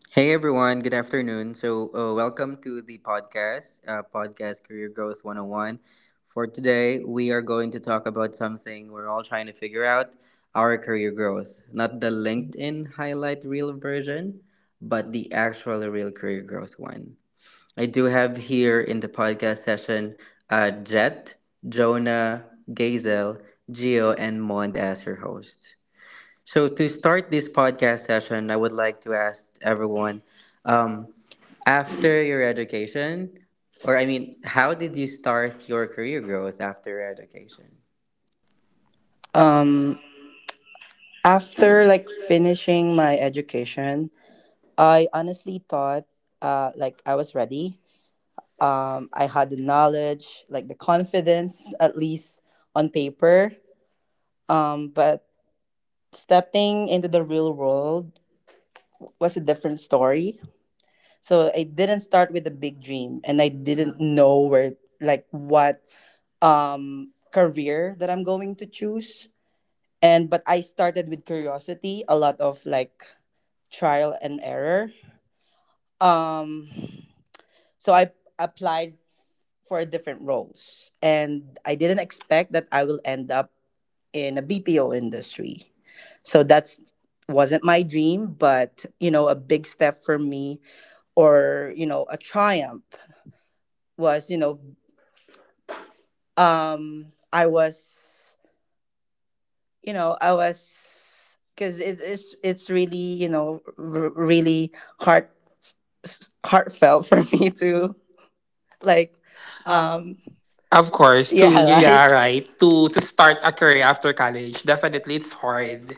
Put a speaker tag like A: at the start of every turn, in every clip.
A: Hey everyone, good afternoon. Welcome to the podcast, Podcast Career Growth 101. For today, we are going to talk about something we're all trying to figure out, our career growth. Not the LinkedIn highlight reel version, but the actual real career growth one. I do have here in the podcast session Jet, Jonah, Gazel, Geo, and Mond as your hosts. So to start this podcast session, I would like to ask everyone, um, after your education, or I mean, how did you start your career growth after your education?
B: Um, After like finishing my education, I honestly thought like I was ready. I had the knowledge, like the confidence, at least on paper. But stepping into the real world was a different story. So I didn't start with a big dream, and I didn't know where, like, what career that I'm going to choose. And but I started with curiosity, a lot of like trial and error. Um, so I applied for different roles, and I didn't expect that I will end up in a BPO industry. So that's wasn't my dream, but you know, a big step for me, or you know, a triumph was you know, I was you know, I was because it's really you know really heart heartfelt for me to like, um,
C: Of
B: of course.
C: course. to
B: Yeah,
C: Yeah.
B: right?
C: yeah, right.
B: Alright.
C: To
B: To
C: to start
B: start
C: a career
B: career
C: after
B: after
C: college,
B: college.
C: definitely it's hard.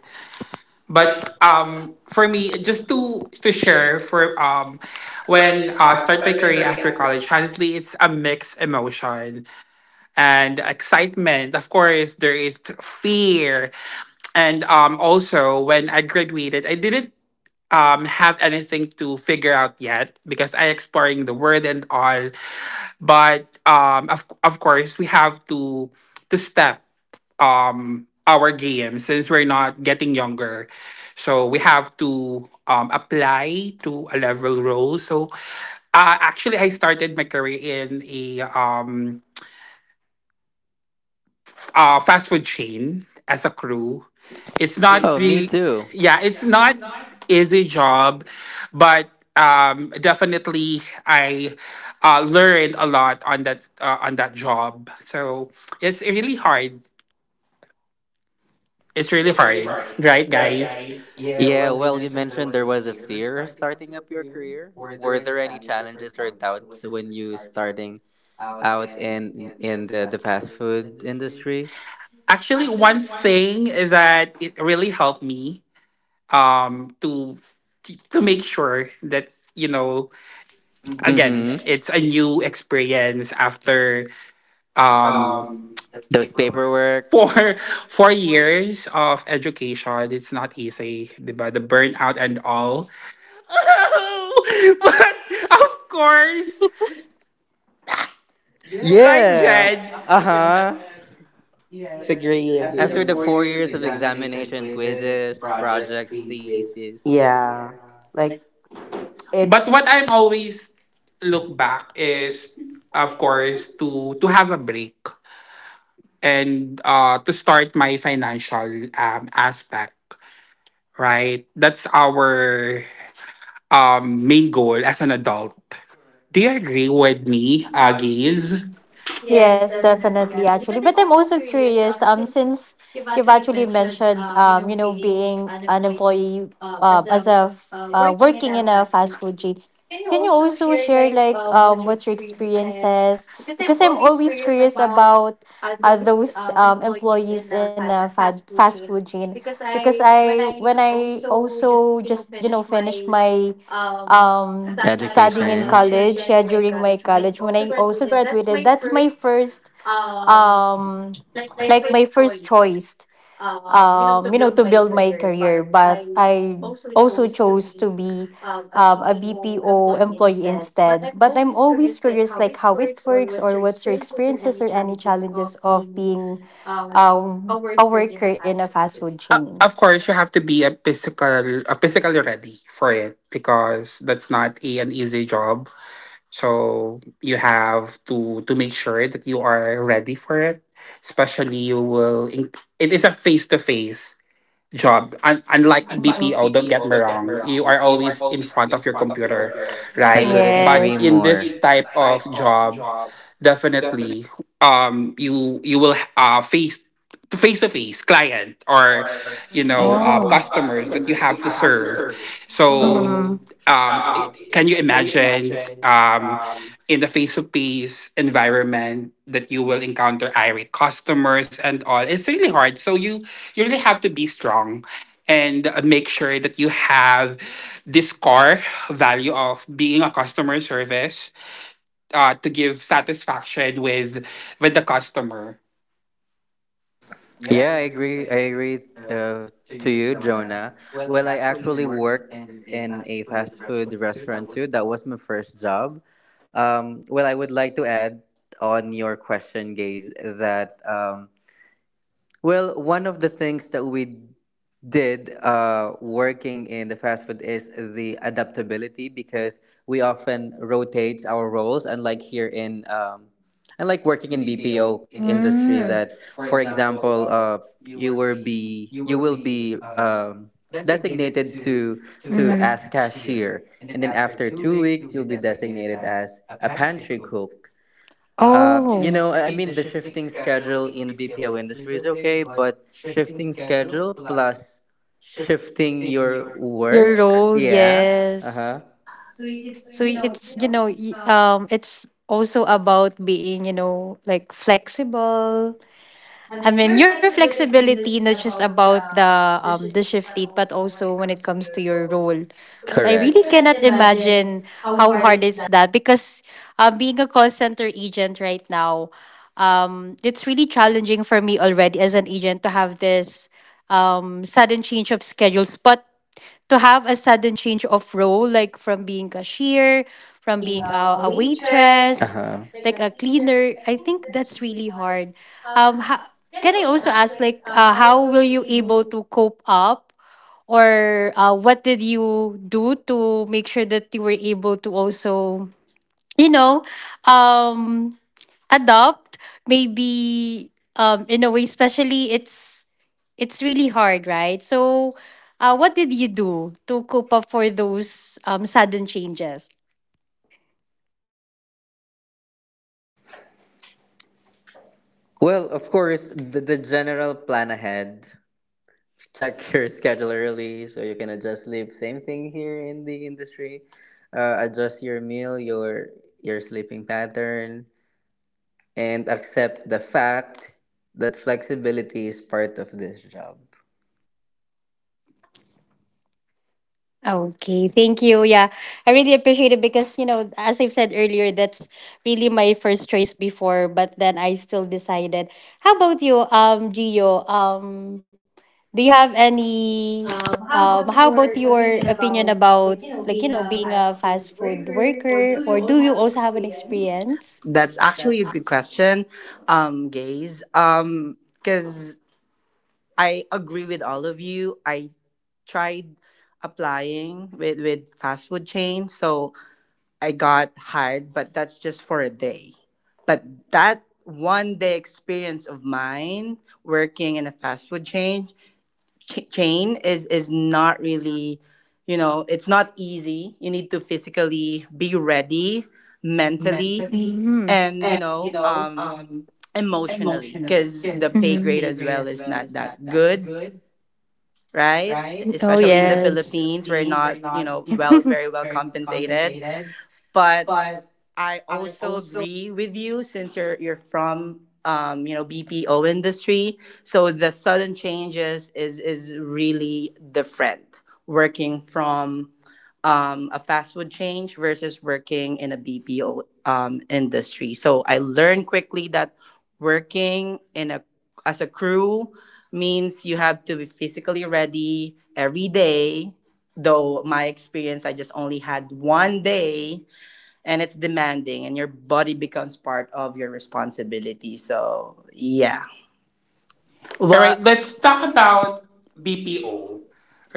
C: But
A: But
B: Um,
C: for
B: for me,
C: me, just
B: just to
C: to share for when
B: when
A: when I
C: start my
A: start
C: career
A: career
C: after
A: after
C: college,
B: college happened.
C: honestly, it's a mixed emotion and excitement. Of course, there is fear. And also when I graduated, I didn't have anything to figure out yet because I exploring the world and all, but of course, we have to step our game since we're not getting younger. So we have to apply to a level role. So actually, I started my career in a fast food chain as a crew. It's
A: it's.
C: not
A: Oh, not me
C: real.
A: too.
C: Yeah,
A: Yeah,
C: it's
A: it's
C: not
A: not.
C: easy job, but definitely I learned a lot on that job. So it's really hard. It's really
A: It's really
C: hard,
A: hard,
C: right,
A: right,
C: guys?
A: guys?
D: Yeah,
A: Yeah,
D: well, you
A: well, you
D: mentioned.
A: mentioned there was a fear starting up your career. Were there any challenges or doubts when you starting out in the fast food industry?
C: Actually, one thing that it really helped me um, to to make sure that you know again
A: Mm-hmm.
C: it's a new experience after um
A: Um, Those paperwork.
C: for 4 years of education, it's not easy, diba? The burnout and all. But of course, right,
A: Yeah.
C: Jed.
A: Uh
D: Yes, I
A: huh.
D: agree.
B: Yes,
D: Yes,
A: Yes,
B: agree,
D: agree.
A: agreed.
B: after the
D: After
A: After
B: agree
D: the
A: the
B: four
D: four
A: four
B: years of
D: years
A: years
D: of
A: of
B: examination,
D: examination,
A: examination,
B: quizzes,
A: quizzes,
D: this
B: projects,
D: project.
A: projects,
B: thesis.
A: thesis, yeah,
B: Yeah, like but it's
C: But
B: what
C: what I'm
B: it's I'm
C: always
B: always
C: look
B: look back
C: back is,
B: is
C: of course, to
B: to
C: have a break and to start my financial aspect. Right, that's our main goal as an adult. Do
D: Correct.
C: you agree with me,
B: the
C: Gaze?
B: Aggies. Yes,
E: Yes,
B: definitely.
E: definitely,
B: Actually,
E: actually. But I'm also curious, since you've actually mentioned, being an employee, as working in a fast food chain, can you also share, what's your experiences? Because I'm always curious about those employees in a fast food chain. Because when I also finished my studying in
A: education,
E: college, yeah, during my college, when I also graduated, that's my first um like my first choice, to build my career, but I also chose to be a BPO employee instead. But I'm always curious like how it works or what's your experiences or any challenges of being a worker in a fast food chain.
C: Of course, you have to be a physically ready for it because that's not a, an easy job. So you have to make sure that you are ready for it. Especially, you will. In, it is a face to face job. Unlike BPO, don't get me
E: Mhm.
C: wrong, you are always in front of your computer,
A: I
C: right?
A: couldn't
C: But
A: agree
E: Yes.
C: in
A: more.
C: this type of job, definitely, you you will face face to face client or you know
E: Oh.
C: customers that
A: Customers.
C: you have to serve. So,
E: Mhm.
A: Um,
C: it, can you imagine? In the face to face environment that you will encounter irate customers and all, it's really hard. So you really have to be strong and make sure that you have this core value of being a customer service, to give satisfaction with the customer.
A: Yeah, I agree. Uh, to you, Jonah. Well, I actually worked in a fast food restaurant too. That was my first job. Well, I would like to add on your question, Gaze, that. Well, one of the things that we did working in the fast food is the adaptability, because we often rotate our roles, unlike here in, unlike working in BPO industry, that for example, you will be designated to as cashier, and then after 2 weeks, you'll be designated as a pantry cook. uh, you
E: Oh,
A: know, I I mean, the shifting schedule in the BPO industry is okay, but shifting schedule plus shifting your
E: your role,
A: work,
E: yeah,
A: yeah, uh
E: yes.
A: huh,
B: so
E: So
B: it's you know.
E: it's, it's also about being, you know, like flexible. I mean, your flexibility, not just about the shift date, but also when it comes to your role. Well, I really
A: correct.
E: cannot imagine how hard is that, because being a call center agent right now, it's really challenging for me already as an agent to have this sudden change of schedules. But to have a sudden change of role, like from being cashier, from being a
A: Uh
E: waitress,
A: huh.
E: like a cleaner, I think that's really hard. Um, ha- can I also ask, like, how will you able to cope up, or what did you do to make sure that you were able to also, you know, um, adopt maybe in a way, especially it's really hard, right? So what did you do to cope up for those sudden changes?
A: Well, of course, the general plan ahead. Check your schedule early so you can adjust sleep. Same thing here in the industry. Adjust your meal, your sleeping pattern, and accept the fact that flexibility is part of this job.
E: Okay, thank you. Yeah, I really appreciate it because, you know, as I've said earlier, that's really my first choice before, but then I still decided. How about you, Gio? Do you have any,
B: How
E: how
B: about
E: about
B: your
E: your
B: opinion
E: opinion
B: about
E: about,
B: like, you know,
E: like, you know,
B: being a
E: being a
B: fast
E: fast
B: food
E: food
B: worker, or
E: worker,
B: do
E: or
B: you
E: do
B: also
E: you
B: have an
E: also have an
B: experience?
E: experience?
B: That's actually a good question, guys. Because I agree with all of you. I tried applying with fast food chain, so I got hired, but that's just for a day. But that one day experience of mine working in a fast food chain chain is not really, you know, it's not easy. You need to physically be ready, mentally,
E: Mm-hmm.
B: and, you know, emotionally,
E: Emotionally.
B: because the pay
E: Mhm.
B: grade as well is not that good, right?
E: Oh,
D: I
B: Especially in the
D: agree.
E: yes.
B: Philippines,
D: Philippines,
B: we're
D: right?
B: not, you know, well, very well compensated. But I also agree with you since you're from, you know, BPO industry. So the sudden changes is really different working from, a fast food chain versus working in a BPO industry. So I learned quickly that working in a as a crew means you have to be physically ready every day. Though my experience, I just only had one day, and it's demanding, and your body becomes part of your responsibility. So yeah,
C: All right,
B: what,
D: What?
C: let's
B: let's
C: talk
B: talk
C: about
B: about
C: BPO,
B: BPO,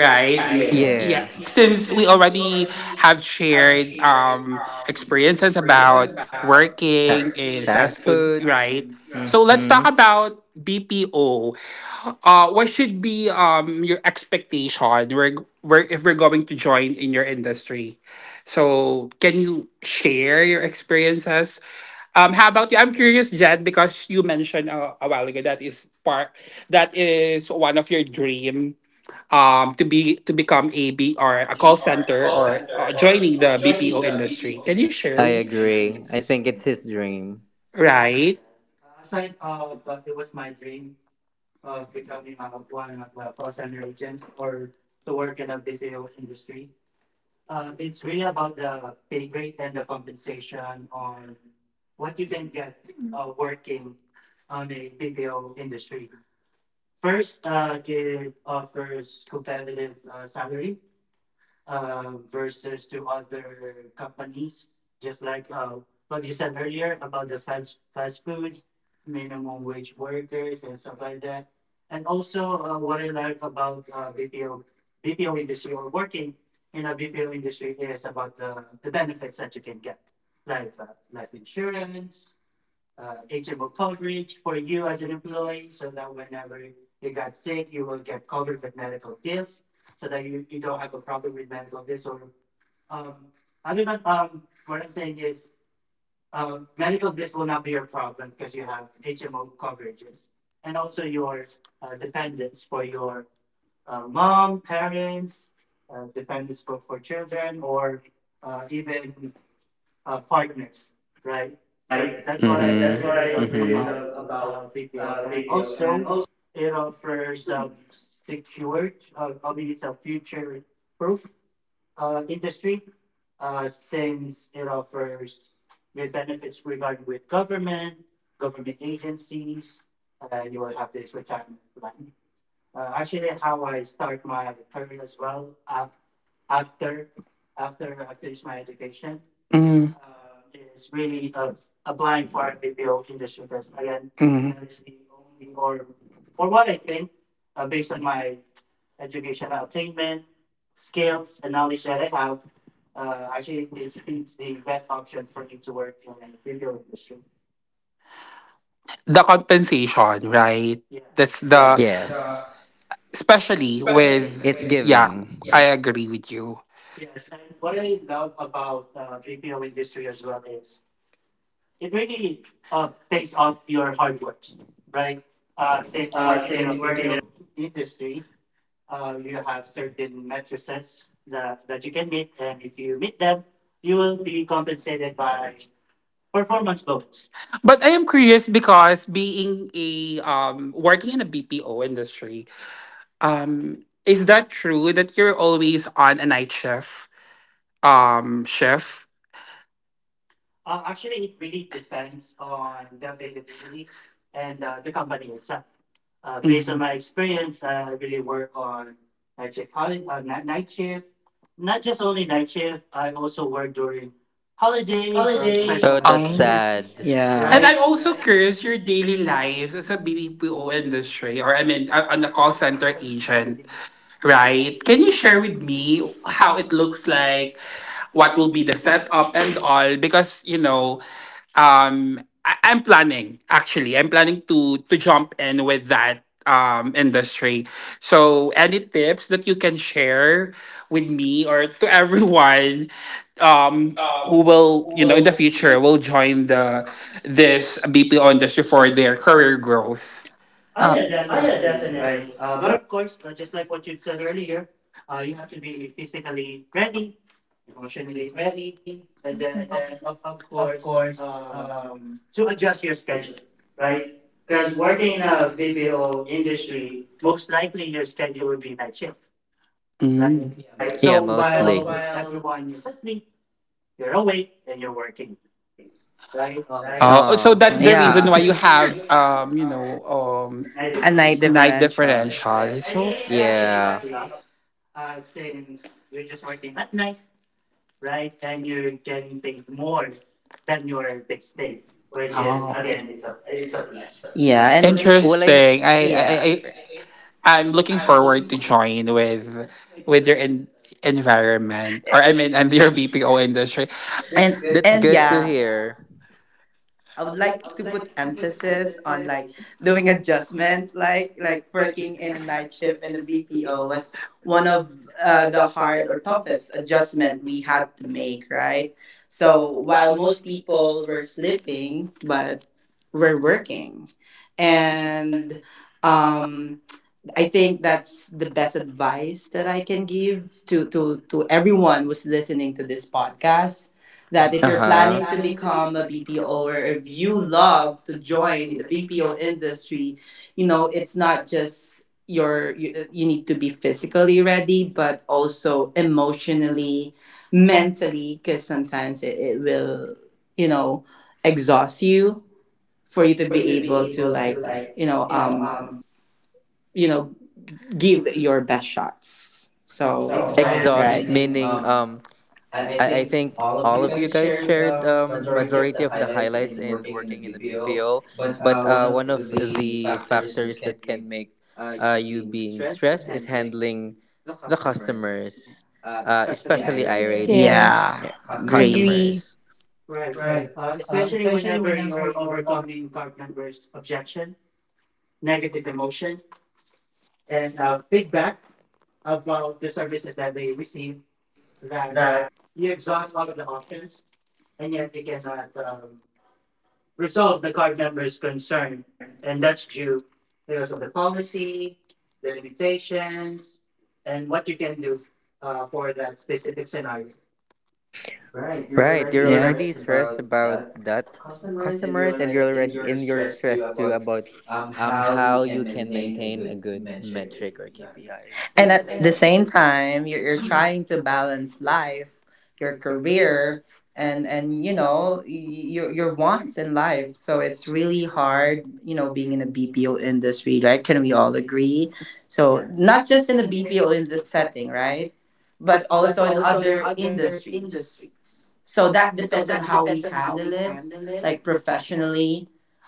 B: right?
A: Right?
C: Yeah,
B: Yeah.
A: Yeah. Yeah.
C: since
B: Since
C: we
A: Since we
C: already
A: already
C: have
A: have
C: shared
A: shared
C: experiences
A: experiences
C: about
A: about
C: working
A: working
C: in
A: fast
C: fast
A: food.
C: food,
A: Fast food,
C: right?
A: right?
C: So
A: Mm-hmm.
C: let's talk about BPO. What should be your expectation where if we're going to join in your industry? So can you share your experiences? How about you? I'm curious, Jed, because you mentioned a while ago that is part that is one of your dream to be to become a B or a
A: Maybe
C: call
A: or a
C: center
A: call
C: or
A: center or
C: joining the
A: joining
C: BPO
A: the BPO
C: industry. Can you
A: industry.
C: share,
A: I agree. I think it's his dream.
C: right?
D: Yes.
C: Mm,
D: Aside of it was my dream of becoming one of the call center agents or to work in a BPO industry. It's really about the pay grade and the compensation on what you can get working on a BPO industry. First, it offers competitive salary versus to other companies, just like what you said earlier about the fast food, minimum wage workers, and stuff like that. And also, what I like about BPO industry or working in a BPO industry is about the benefits that you can get, like life insurance, HMO coverage for you as an employee so that whenever you got sick, you will get covered with medical bills so that you don't have a problem with medical bills or um, having an, what I'm saying is medical bills will not be your problem because you have HMO coverages and also your dependents for your mom, parents, dependents for children or even partners, right?
A: Right?
D: So that's
A: So,
D: what
A: mhm,
D: I
A: that's, mm-hmm, what
D: really
A: I
D: love
A: really
D: about
A: love about
D: BPO. And
A: BPO. And
D: also,
A: also,
D: it offers secured, I mean, it's a future proof industry since it offers great benefits regarding with government agencies, and you will have this retirement plan. Actually, how I start my career as well after after I finish my education is really applying for a BPO industry because again,
C: mm.
D: that is the only or for what I think, based on my educational attainment, skills, and knowledge that I have, actually it's the best option for me to work in a BPO industry.
C: The compensation, right? That's
D: Yes.
A: yeah.
C: the,
D: The,
A: Yes. The,
C: especially
D: especially
A: especially
C: with
A: it's
D: with,
A: with
D: yeah.
C: yeah,
A: giving.
C: I agree with you.
D: Yes, and what I love about BPO industry as well is it really pays off your hard works, right?
A: Right?
D: Since working in
A: Since
D: a
A: working in
D: BPO industry, you have certain matrices that you can meet, and if you meet them, you will be compensated by performance bonus.
C: But I am curious because being a working in a BPO industry, is that true that you're always on a night shift?
D: Actually, it really depends on the availability and the company itself. Based on my experience, I really work on night shift, night shift, not shift. I also work during holidays, Oh, that's
A: holidays.
D: special
A: Oh,
D: bad.
A: that's
C: Um,
A: sad.
D: Occasions, Yeah. And
B: yeah, and
C: and
D: right?
C: I'm
B: I'm
D: I'm
B: also
C: also
D: also
A: Right?
D: curious
C: curious your
D: your
C: daily
B: really
D: daily life
B: nice
C: lives as
D: as
B: sa
C: a
D: a
B: BPO
C: BPO
D: BPO and
B: industry,
C: industry,
B: or
C: or
B: I
C: I
B: mean,
C: mean,
B: on
C: on
B: the
C: a
B: call
C: call center
B: center agent,
C: agent, right?
B: right?
C: Can
B: Can you
C: you
B: share
C: share
B: with
C: with me
B: me
C: how
B: how it
C: it
B: looks
C: looks like?
B: like,
C: What
B: what
C: will
B: will
C: be
B: be
C: the
B: the
C: setup
B: setup
C: and
B: and
C: all? Because you know, um, I'm planning actually. I'm planning to jump in with that industry. So, any tips that you can share with me or to everyone um who
A: Um,
C: will you know in the
A: well, you know.
C: future will join the
B: the
C: this
B: this BPO
C: BPO industry
B: industry for
C: for their
B: their
C: career
B: current growth?
C: growth.
D: Ah, yeah,
B: Yeah,
A: Oh yeah,
B: definitely,
D: definitely,
A: definitely.
D: right?
B: right.
D: But
B: But
D: of course, just like what you've said earlier, you have to be physically ready, emotionally ready, and then of course to adjust your
B: schedule,
D: schedule,
B: right?
D: right? Because
B: Because
D: working
B: working in
D: in
B: a
D: a BPO
B: BPO
D: industry,
B: industry,
D: most likely your schedule will be night shift, right?
C: Mhm.
D: Yeah.
A: Like, yeah, so
D: So
A: mostly. So
D: while
A: while,
D: everyone is asleep, you're awake and you're working, right?
A: right?
C: Oh, so
D: So
A: Oh.
C: that's
D: that's
A: Oh,
D: the,
C: the
A: so
D: yeah,
C: reason
A: that's
D: reason
C: why
B: yeah,
D: why
A: good.
C: you
D: you have,
C: have
A: So have
C: you know
D: Night
B: night, a night
D: differentials.
C: night
B: difference.
A: a
D: Yes,
C: differential.
A: difference.
D: and
C: So
A: Yes.
B: It's
D: it's actually
B: actually
D: a
B: a
A: Yeah. Actually
D: plus since you're just working at night, right? And you're getting paid more than your base pay,
B: mistake,
D: which
B: which is
D: is
C: oh.
D: again,
B: again,
D: it's a
B: it's
D: it's
B: a
D: a
A: it's a
B: plus.
D: plus. Yeah,
B: Yeah,
A: plus.
D: and
B: and
D: Well,
A: Yeah.
D: like
A: Well, I,
C: Interesting.
A: interesting.
B: yeah,
A: I,
C: I'm looking
A: I'm looking
C: forward
A: forward
C: to join with your environment
D: or
C: or I
D: I
C: mean
D: mean,
C: and
D: and you're
C: your
D: your
C: BPO
D: BPO
C: industry.
A: to
D: industry.
A: this.
D: This
A: That's
B: and
A: good to
B: yeah.
A: hear.
B: I would like to put emphasis on like doing adjustments, like working in a night shift in a BPO was one of the hard adjustment we had to make, right? So while people were sleeping, but were working. And, um, I think that's the best advice that I can give to everyone who's listening to this podcast, that if
A: Uh
B: you're
A: huh.
B: planning to
A: Planning to be
B: become a BPO, or if you love to join the BPO industry, you know, it's not just your you, you need to be physically ready, but also emotionally, mentally, because sometimes it, it will, you know, exhaust you for you to be able to like, you know, you know, give your best shots. So
A: so.
D: I
B: exactly,
D: agree.
A: Exhaust
B: right? Meaning,
D: Exhausting,
A: meaning
B: I
A: I
B: think
A: think
B: all of
A: all
B: you
A: of you
B: guys
A: guys
B: shared
A: shared
B: majority of the
A: majority of the
B: highlights
A: highlights
B: in
A: in
B: working in the
A: working in the
B: BPO,
A: BPO,
B: but
A: but
B: one of
A: one of
B: the
A: the
B: factors that
A: factors
B: can
A: that can make you being stressed is handling the customers,
B: especially
A: especially
B: irate.
A: irate, yeah.
B: Yeah,
E: Yes.
A: Yeah,
B: agree.
E: Agree.
A: customers.
D: right.
A: Right.
D: Especially whenever you're overcoming card members' objection, negative emotion, and feedback about the services that they receive, that
A: That.
D: you exhaust all of the options, and yet you cannot members' concern, and that's due because of the policy, the limitations, and what you can do for that specific scenario.
B: Right, you're
A: Right,
B: already,
A: you're
B: yeah,
A: already
B: stressed
A: stressed
B: about
A: about
B: that
A: that
B: customers, and you're
A: customers, and
B: already
A: you're
B: in
A: already
B: your
A: in your
B: stress too
A: stress too
B: about
A: about
B: how you
A: how
B: can
A: you can
B: maintain a
A: maintain a
B: good
A: good
B: metric or
A: metric or
B: KPIs.
A: KPIs.
D: And,
B: And at
D: exactly,
B: the
D: the same.
B: same time, you're trying to balance life, your career, and you know your wants in life. So it's really hard, you know, being in a BPO industry, right? Can we all agree?
D: So
B: So yes,
D: yes.
B: not
D: Not
B: just
D: just
B: in the
D: in
B: BPO in
E: Yes.
B: setting, right? But also in other industries. So that depends on how we handle it, like professionally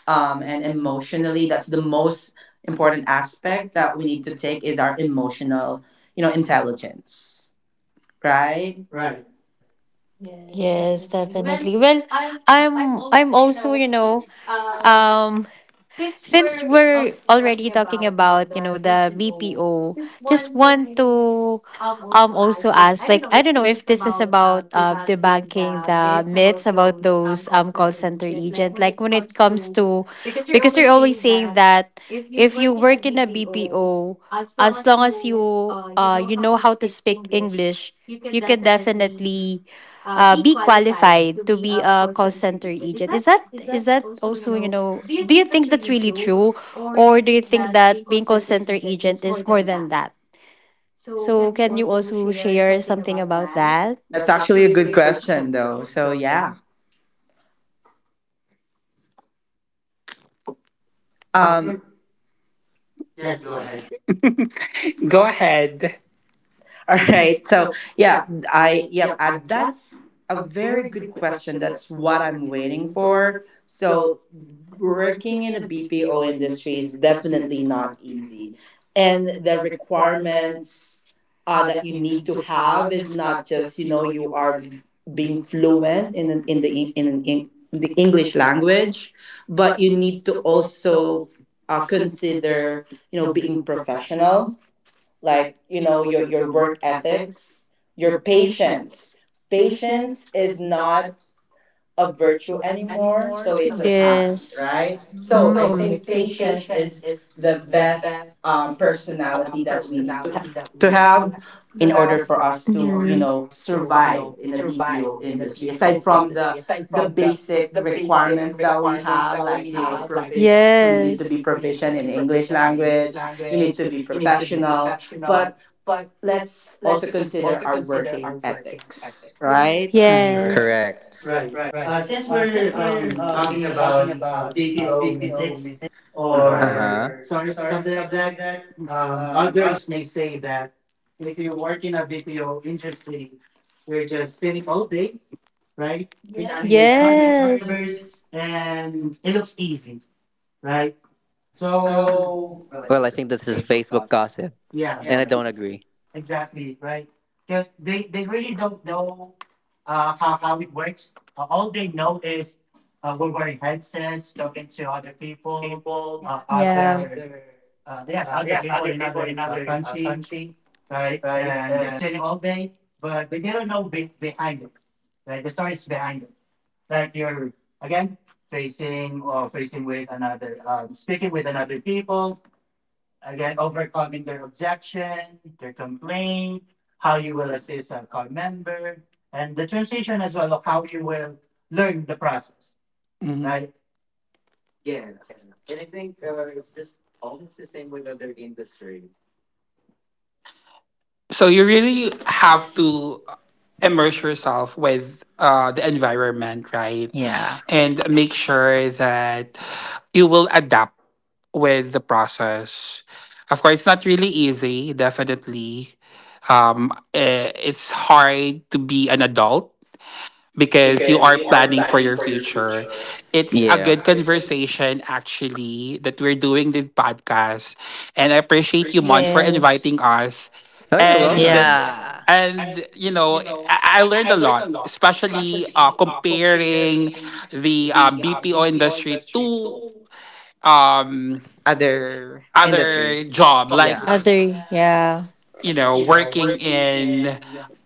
B: and emotionally. That's the most important aspect that we need to take is our emotional, you know, intelligence, right?
D: right.
B: Yes,
E: Yes,
B: definitely. Well,
E: definitely. Well, I'm also, you know, um since we're already talking about, you know, the BPO, just want to also ask, like, I don't know if this is about debunking the myths about those call center agent, like when it comes to, because they're always saying that if you work in a BPO, as long as you you know how to speak English, you can definitely be qualified to be a call center agent. Is that also, you know, do you think that's really true, or do you think that being call center agent is more than that? So can you also share something about that?
B: that's actually a good question, though. So yeah.
D: Uh,
B: Um,
D: cor-
B: yes,
D: yes.
B: go
D: Go
B: ahead.
D: ahead.
B: Go
D: Go
C: Go
B: ahead.
D: ahead.
C: ahead.
B: all
D: All
B: right.
D: right,
B: So
D: so
B: yeah, I yep. That's a very good question. That's what I'm waiting for. So, working in the BPO industry is definitely not easy. And the requirements that you need to have is not just, you know, you are being fluent in an, in the in an, in the English language, but you need to also consider, you know, being professional, like, you know, your work ethics, your patience is not a virtue anymore. So it's
E: Yes.
B: right? So I
E: Mm.
B: think
E: Mm.
B: patience is the best personality that we need to have to have in order for us
E: Hmm.
B: to, you know, survive in the BPO industry. Aside from the basic requirements that we have, like, you know, you need to
E: Yes.
B: be
E: Right?
B: proficient in English language, you need to be professional, but let's also consider our working ethics, right?
E: Yes.
D: correct.
B: Correct.
A: Correct.
B: Right.
D: Right.
A: Right.
B: Since
D: Since
B: we're
D: we're
B: talking
D: talking
B: about
D: about BPO
B: BPO
D: mythics
B: mythics
A: Uh-huh. or
D: or
B: or
A: Uh-huh.
D: stories,
A: Stories,
D: something like
A: something like
D: that,
A: that. Our
D: others may say that if you work in a BPO industry, you're just sitting all day, right? Chatting with card
E: Yes.
D: members,
A: members.
D: and it looks easy, right? So,
A: So,
D: I
A: well, I
D: think
A: think
D: that's
A: that's just Facebook gossip, and I, yeah,
D: yeah.
A: don't agree.
D: Exactly, right? Because they really don't know how it works. All they know is we're wearing headsets, talking to other people, uh,
E: Yeah.
D: other,
E: Other.
D: yes, other people in other country, right? And just sitting all day, but they didn't know behind, right? The stories behind it. Like you're, again, facing or facing with another, speaking with another people, again, overcoming their objection, their complaint, how you will assist a core member, and the transition as well of how you will learn the process, right?
C: Mhm.
D: Yeah,
A: Yeah,
D: and I
A: and I
D: think
A: think it's just almost the same with other industry.
C: So you
A: So you
C: really
A: really
C: have
A: have
C: to
B: uh-huh.
C: immerse
B: Immersion,
C: yourself with the environment, right?
B: yeah.
C: And make sure that you will adapt with the process. Of course, it's not really easy, definitely. It's hard to be an adult because you
A: because
C: are
A: you are
C: planning for
A: planning
C: your
A: for your
C: future.
A: future.
C: It's a
A: Yeah.
C: good conversation, actually, that we're doing this podcast. And I appreciate you, Mon, for
E: Yes.
C: inviting us.
A: Oh, you're
B: And
C: and.
A: welcome. Yeah.
B: yeah.
C: And you know, I learned a lot, especially comparing the BPO industry to um,
B: Other, other industry.
C: other job,
B: Like, yeah.
C: like
B: Yeah.
E: Other, yeah,
C: you know, working in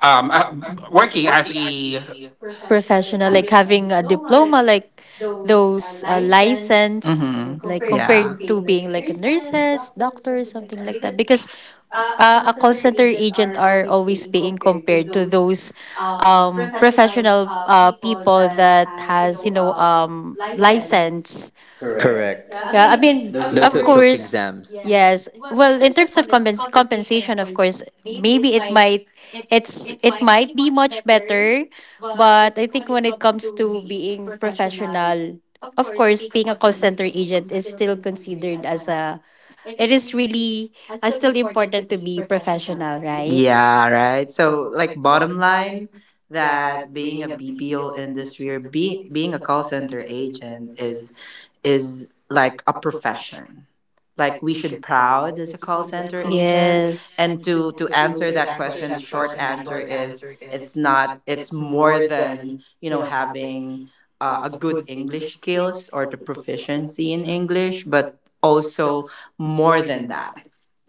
C: um, uh, working as a.
B: Professional, like
E: professional, like
B: having a
E: having a
B: diploma,
E: diploma,
B: like
E: like
B: those
E: those
B: license,
E: license,
B: mhm,
E: like
B: compared, yeah, to
E: compared to
B: being like
E: being like a
B: nurses,
E: nurses,
B: doctors,
E: doctor,
B: something like
E: something
B: that.
E: like that.
B: Because
E: Because
B: a call
E: a call
B: center
E: center
B: agent are
E: agent are
B: always
E: always
B: paying
E: paying
B: compared to
E: compared to
B: those
E: those
B: professional
E: professional
B: people
E: people
B: that
E: that
B: has, you
E: has, you
B: know,
E: know,
B: license.
E: license.
B: Correct.
A: Correct.
B: Yeah, I
E: Yeah, I
B: mean,
E: mean,
B: those of who
A: Those
E: of
A: who
B: course.
A: took
E: course,
A: exams.
E: yes. Well, in terms of compensation, of course, maybe it might, it might be much better, but I think when it comes to being professional, of course, being a call center agent is still considered as a, it is really still important to be professional, right?
B: Yeah, right. So, like, bottom line, that being a BPO industry, or being being a call center agent, is like a profession, like we should proud as a call center agent.
E: Yes.
B: And to answer that question, the short answer is it's not, it's more than, you know, having a good English skills, or the proficiency in English, but also more than that,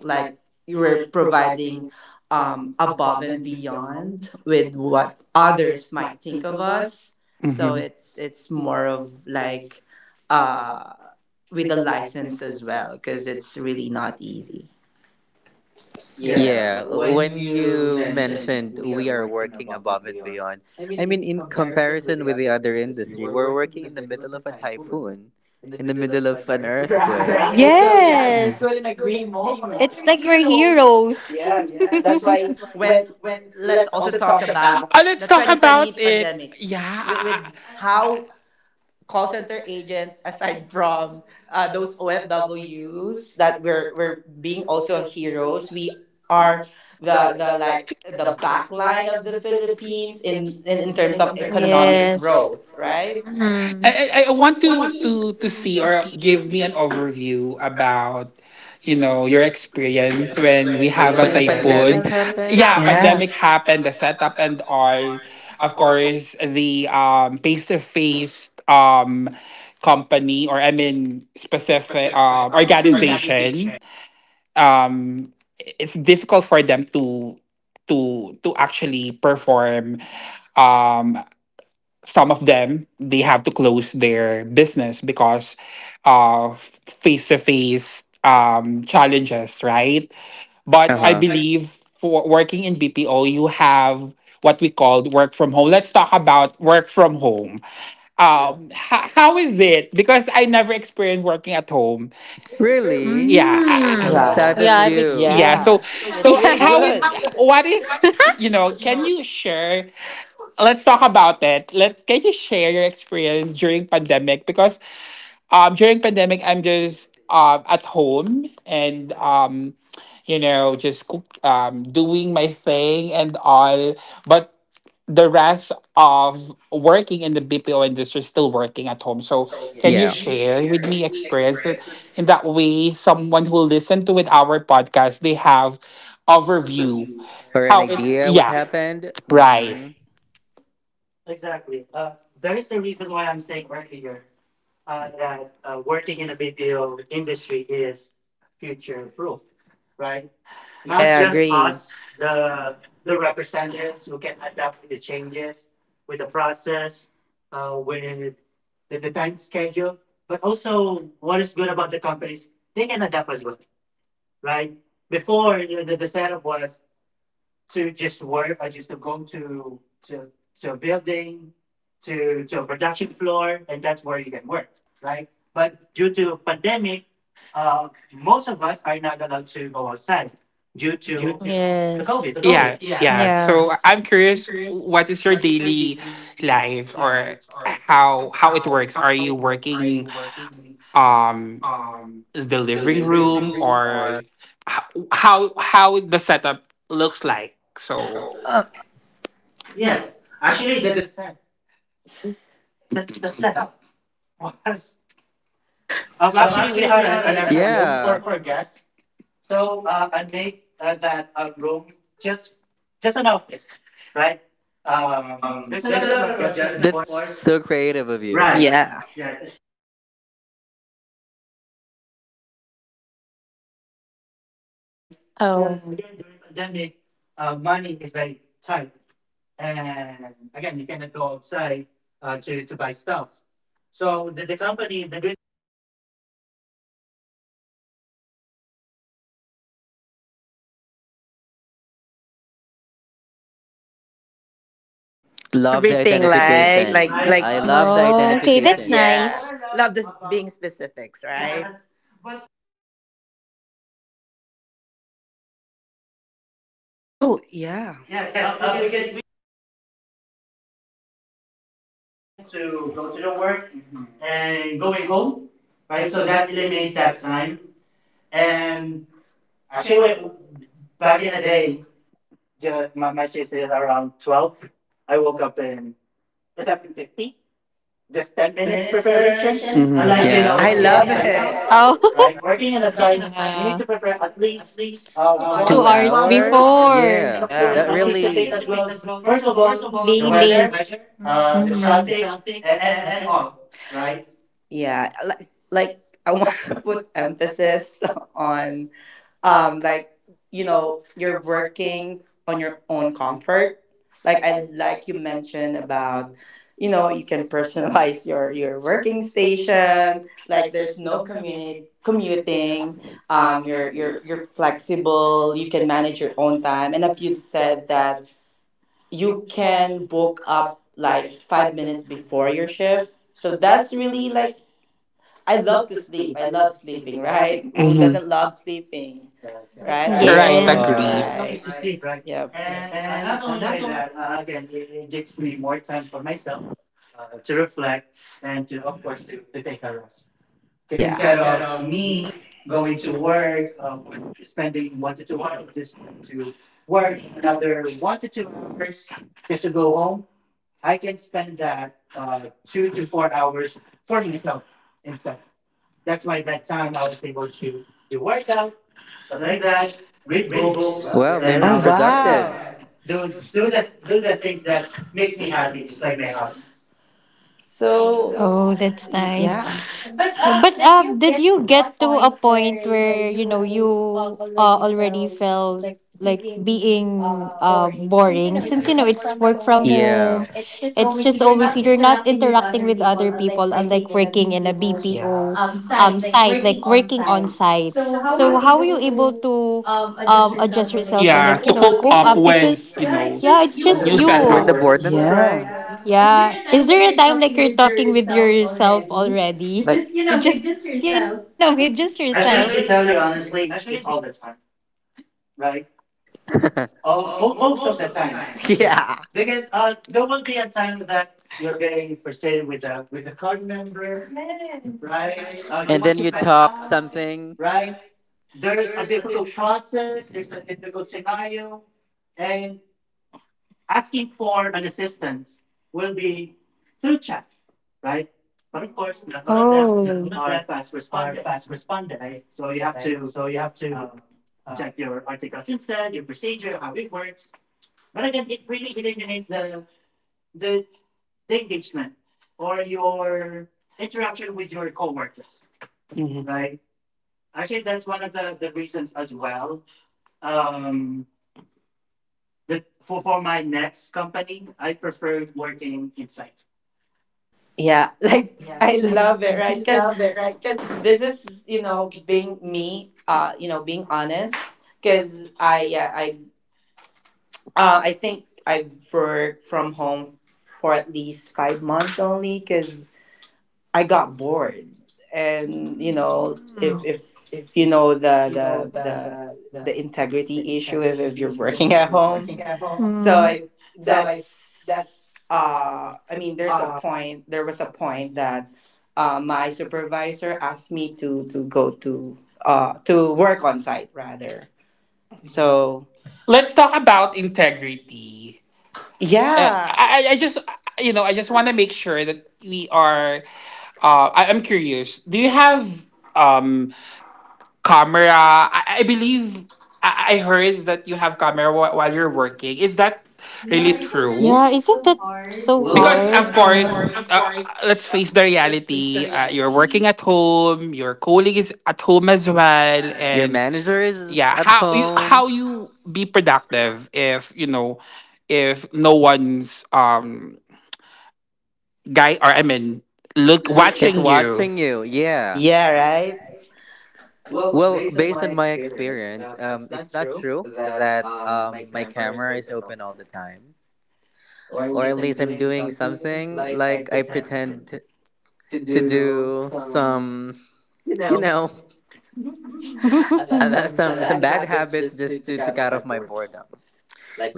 B: like, you were providing above and beyond with what others might think of us. So
C: Mhm.
B: it's more
C: More
B: of
C: of like,
B: like uh with a license as well, because it's really not easy. Yeah,
D: yes,
A: Yeah,
D: yeah,
B: when
D: when
A: when
D: you
B: you
A: you
B: mention
A: mentioned we are working above and beyond, I mean, in comparison with the other industry, we're working in the middle of a typhoon, in the middle of an earthquake.
E: Yes. It's like we're heroes.
B: when
D: when
B: let's
D: let's also
B: talk
D: talk
B: about
D: about, and let's,
C: Let's
D: the talk
C: talk
D: about
C: about
D: 2020 it,
C: it.
B: pandemic,
D: pandemic with, yeah,
B: with
C: Yeah,
D: with,
B: how
D: how
B: call center agents aside from those OFWs that we're being also heroes, we are the like the backline of the Philippines in terms of economic
E: Yes.
B: growth, right?
E: Mm.
C: I I want to
B: See
C: see or
B: or
C: give
B: give me
C: me
B: an
C: an
B: overview
C: overview about
B: for
C: you know your experience when we
B: the
C: have a
B: pandemic.
A: Pandemic
C: typhoon.
A: happened.
C: Yeah,
B: Yeah, yeah.
C: pandemic happened, the setup and all. Of course, the face to face company or I mean specific
E: Mm.
C: organization, um it's difficult for them to actually perform. um some of them they have to close their business because of face to face challenges, right?
A: Uh
C: But
D: but
C: I
D: I
A: huh.
C: believe for working in BPO you have what we called work from home. Let's talk about work from home.
D: yeah,
C: How
D: how
C: is
D: is
C: it?
D: it?
C: Because
D: Because
C: I
D: I
C: never experienced working at home.
D: never
E: Yeah.
D: really
A: Really?
C: yeah
D: yes
A: Okay,
C: I-
E: Mm.
B: Yeah.
A: sad of
E: Yeah, I've
A: you.
C: yeah
B: Yeah.
E: experienced.
C: so
B: It's really
E: Yeah.
C: how it,
B: good.
C: what is, you know, can you share, let's talk about it. Let's can you share your experience during
D: during
C: pandemic?
D: pandemic because
C: Because during pandemic I'm just at home and you know just cook, doing my thing and all, but the rest of working in the BPO industry still working at home. So can you
A: Yeah.
C: share with me experience that in that way someone who listen to with our podcast they have overview
A: Or an
C: how it
A: idea what
C: yeah
A: happened? Mm-hmm.
C: right.
D: exactly. That is the reason why I'm saying earlier that working in a BPO industry is future proof, right?
B: Yeah, agree.
D: The candidates who can adapt the changes with the process, with the time schedule, but also what is good about the companies, they can adapt as well, right? Before the setup was to just work or just to go to a building to a production floor, and that's where you can work, right? But due to pandemic, most of us are not allowed to go outside due to the
E: Yes.
D: COVID. Yeah,
C: Yeah, yeah.
D: right. So
E: Yeah.
C: So I'm
D: I'm curious,
C: curious, what
D: what
C: is
D: is
C: your
D: your
C: daily
D: daily life
C: life
D: or
C: or
D: how
C: how it
D: it
C: works?
D: works?
C: Are
D: Are
C: you
D: you working?
C: working um the living
A: Delivery
C: room
A: room
C: or
A: or
C: how the setup looks like? So
A: so.
D: Yes,
B: Yes. Actually
D: actually the
B: that
D: the, set, the, the setup was. Actually, we
A: Actually, we
D: had a,
A: had
D: an
A: a. A
D: extra room for,
A: yeah.
D: for guests. So I make that room just an office, right? There's a
A: There's a
D: lot of
A: lot of
D: adjustment,
A: adjustment.
D: of course. So
A: So
D: creative
A: creative
D: of
A: of
D: you.
B: is
A: you.
B: right.
D: Right.
A: Right.
D: Yeah.
B: Yeah.
D: Yeah,
B: Yeah.
D: thank you. And of course, the company provided equipment as well, right? Because
E: Oh.
D: again, during pandemic, money is very tight, and again you cannot go outside to buy stuff. So the good thing about the company is they provided equipments for us to work. They provided the monitors, keyboards, mouse board. Love
A: Love the
D: everything.
B: Everything
D: Yeah,
A: identification.
D: everything, right?
B: like
A: I love the
E: Oh,
B: yes.
D: Yes,
E: okay, that's
A: identification.
D: but what
E: nice.
D: I
B: Yeah.
D: love
B: Love this being
D: about
B: specifics, right? Yes,
D: yes, but what I love about it is it gives you more time to yourself, right?
B: oh,
D: Oh, yeah.
B: yeah. Yes,
D: Yes,
A: Yes,
D: because
B: because
D: it
A: because
B: it
D: really eliminates the, dra- the travel
B: was time
D: time
B: to
D: to
B: go
D: go
B: to
D: to
B: the
D: the work
B: work and
D: and
B: going
D: going home.
B: home, right? So that
D: That
B: eliminates
D: eliminates
B: that
D: that
B: time.
D: time,
B: And
D: and
B: she went back in the day.
D: the is it are up in 11:50. Just
A: just 10 minutes preparation.
B: Mm, I
C: Mhm.
A: Mhm.
D: unlike
B: like, you know,
A: Yeah.
B: I love it.
E: Oh,
D: you need
E: yeah.
D: to be six
E: 2 hours
D: hours,
E: before
B: And,
D: and
B: of
A: Yeah.
D: of
B: yeah, of
D: course
A: That
D: until
B: course,
A: really.
B: the
D: the
E: being
D: weather
E: late.
B: weather,
D: uh,
B: the
E: Mhm.
B: traffic,
D: and,
B: and
D: and
B: all,
D: all right.
B: right? Yeah, like, I want to put emphasis on like, you know, you're working on your own comfort, like, I like you mentioned about, you know, you can personalize your working station, like there's no community commuting, you're you're flexible, you can manage your own time, and if you've said that you can book up like 5 minutes before your shift. So that's really like I love sleeping, right?
C: Mhm.
B: Doesn't love sleeping, right? Hours to
A: We
C: Right,
A: all
E: Yeah.
B: right,
D: Extra hours
C: agree.
D: to
B: to
A: are.
D: sleep,
B: sleep,
D: right?
B: right?
D: Yeah.
B: Yep. And
D: And
B: not
D: not only
B: only by
D: by that,
B: that,
D: again, it gives me more time for myself to reflect and to, of course, to take a rest.
B: because
D: Because
B: yeah,
A: Because
B: instead
D: instead
A: instead
B: of
D: of
A: of
B: me
A: me,
D: me
B: going
D: going
B: to
D: to work,
B: work,
D: one spending 1 to 2 hours just going to work and another 1 to 2 hours home, I can spend that two to instead. That time I was able to do workout,
B: stuff
D: stuff like
B: like
D: that,
B: that, read
D: read
A: read
B: books.
D: books,
A: books.
B: Well,
A: Well,
B: and
D: and
A: very
B: oh,
A: productive.
B: wow. Yes,
D: yes, do do
B: do that
D: the
B: makes
D: makes
B: me
D: me
B: happy,
D: happy,
B: just
D: just
B: like
D: like my
B: my hobbies.
D: hobbies.
B: So
E: Oh, that's
B: nice.
E: nice.
B: Yeah. But
E: Yeah, but did you get to a point where, you know, you already felt like being boring, since, you know, it's work from home,
A: Yeah.
B: just
E: yeah, it's
B: always
E: just
B: you're
E: always
B: not
E: you're not
B: interacting with
E: interacting
B: other
E: with
B: people,
E: other
B: like
E: people,
B: working
E: unlike
B: in a
E: working in a
B: BPO, yeah,
E: BPO
B: site, like
E: site,
B: working
E: like
B: on
E: working
B: site.
E: on site.
B: So how is
E: So how were
B: able
E: you able
B: to
E: to
B: adjust yourself,
E: adjust
B: or like,
E: yourself, or,
B: yeah,
C: Yeah,
B: to
E: like,
C: to
E: you know,
B: cope
C: cope
E: cope
B: up
C: up
E: up,
B: when,
C: with
E: because
C: you
B: yeah, it's
C: know
E: yeah,
B: just
E: it's
B: you. When
C: new
E: just
B: the
A: When
C: setup.
A: the
E: you.
B: work.
A: boredom
B: Yeah.
A: strikes.
B: Yeah. Is there
E: Yeah,
B: a
E: is
B: time
E: there
B: like
E: a
B: you're
E: time like
B: talking
E: you're
B: with
E: talking with
B: yourself
E: yourself
B: already? With
E: already?
B: like, just, you
E: With
B: know, with
E: just, you
B: just
E: know, with just
B: yourself.
E: yourself.
D: I
B: Actually, to
A: Especially
B: tell
D: tell
A: guitar,
B: you
D: you
B: honestly,
D: honestly, all the time.
A: most of the time.
D: Yeah.
B: yeah, because
D: There will be a time that you're very excited with the car member, right?
A: Right?
E: Yes,
D: You
A: And
D: want
A: then
D: to
A: you
E: right?
D: vent
A: talk
D: out,
A: something.
D: right?
A: Right.
D: There's a
A: There's a different.
D: process, there's a difficult scenario, and asking for assistance will be, right? But of course, not all of them
E: Oh. Yes.
D: are
E: Mm.
D: fast respondent, right? So you have to um, check your articles instead, your procedure, how it works, but again, it really eliminates the the or your interaction with your coworkers, right? Actually, that's one of the reasons as well. Um, for this company, I preferred working in site.
B: yeah. Like I love it,
E: Mm.
B: right? Because this is, you know, being me, you know, being honest, because I yeah I, I think I've worked from home for at least 5 months only, because I got bored, and, you know, if you know the the the integrity issue, if you're working at home, so I that's I mean, there's a point, there was a point that, my supervisor asked me to go to, to work on site rather. So
C: Let's talk about integrity. Uh,
B: yeah,
C: I
B: I,
C: just you know I just want to make sure that we are. I'm curious. Do you have um camera? I believe I heard that you have camera while you're working. Is that really true?
E: Yeah, isn't that so
B: because
C: Because
A: Well,
E: hard?
C: of
B: I've,
E: Yeah.
C: course. Uh, let's face the reality. You're working at home. Your colleague is at home as well,
A: your
C: and
A: manager is
C: yeah,
A: at home.
C: how you be productive if you know if no one's guy or I mean, look,
A: Is
C: watching you.
A: watching you. Yeah.
B: yeah, right. Well,
A: Well,
B: based on my.
A: based on my experience, it's not true that my camera is open all the time. Or at least I'm doing something, like I pretend to do some, you know, some bad habits just to cut off my boredom.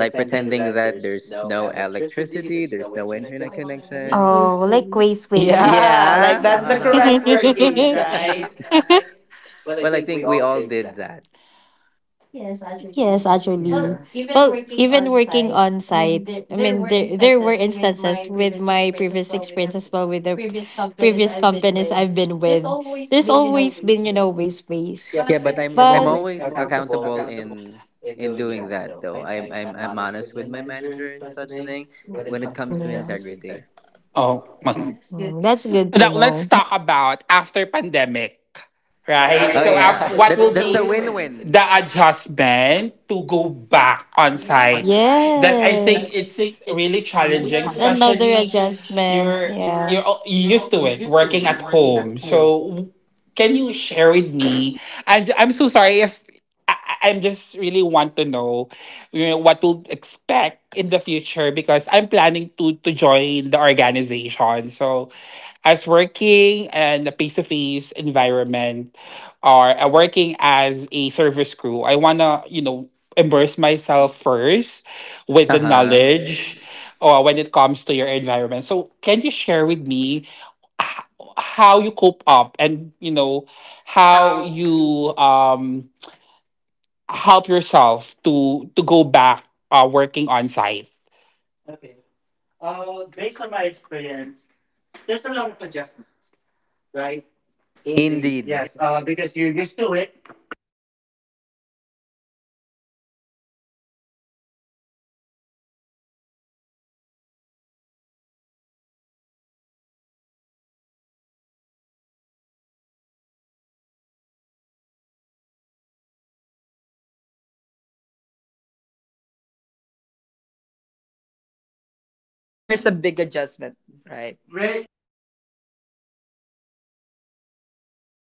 A: Like pretending that there's no electricity, there's no internet connection.
E: Oh, like ways, ways.
B: Yeah, like
A: Yeah.
B: that's the
A: Uh
B: correct word, guys, right?
A: huh. Well, I think we all did that.
E: Yes,
B: Yeah,
E: actually. Well,
B: right? Oh,
E: even working on site, I mean, there were instances with my previous experience as well with the previous companies I've been with. There's always been, you know, ways, ways.
A: Yeah, but I'm
E: But
A: always
E: yes.
A: accountable in doing that though. I'm honest with my manager and such a thing when it comes to integrity.
C: Oh, well,
E: Mm, that's good to
C: now let's
E: know.
C: talk about after pandemic,
A: Right?
C: right?
B: yeah.
A: Oh
B: So
C: So after,
B: after
A: yeah,
B: what
C: what will
B: that's, that's a
A: that's
C: be
A: a
B: win-win.
A: win-win.
C: the adjustment to
B: To
C: go
B: go
C: back
B: back
C: on
B: on site.
C: site? That I think
E: Yes,
C: it's
B: It's
C: really
B: really
E: it's
B: challenging,
C: challenging,
E: another
B: especially
C: especially
E: adjustment.
B: you're
C: you're
E: Yeah.
B: you
C: you're
B: used
C: used
B: to
C: to
B: it
C: it
B: working
C: working at
B: at
C: home.
B: home. So
C: So can
B: can
C: you
B: you
C: share
B: share
C: with
B: with me?
C: me? And I'm so sorry if I'm just really want to know, you know what to expect in the future because I'm planning to join the organization. So as working in a face to face environment or working as a service crew, I want to, you know, immerse myself first with
A: Uh
C: the
A: huh.
C: knowledge when it comes to your environment. So, can you share with me h- how you cope up and, you know, how
A: How?
C: you help yourself to go back working on site?
D: Okay. Based on my experience, there's a lot of adjustments, right?
A: Indeed.
D: Yes, used to it because I've been working work from home for almost 1.5 years. Like, there's really uh, an adjustment, especially with my schedule. Because earlier I said earlier that it only takes me 10 minutes to prepare, right? And after I logged off, I'm already at home. Like,
B: Like
D: there's
B: there's a
D: a and big
B: big
D: adjustment,
B: adjustment,
D: right?
B: right? Right?
D: Really, really big adjustment because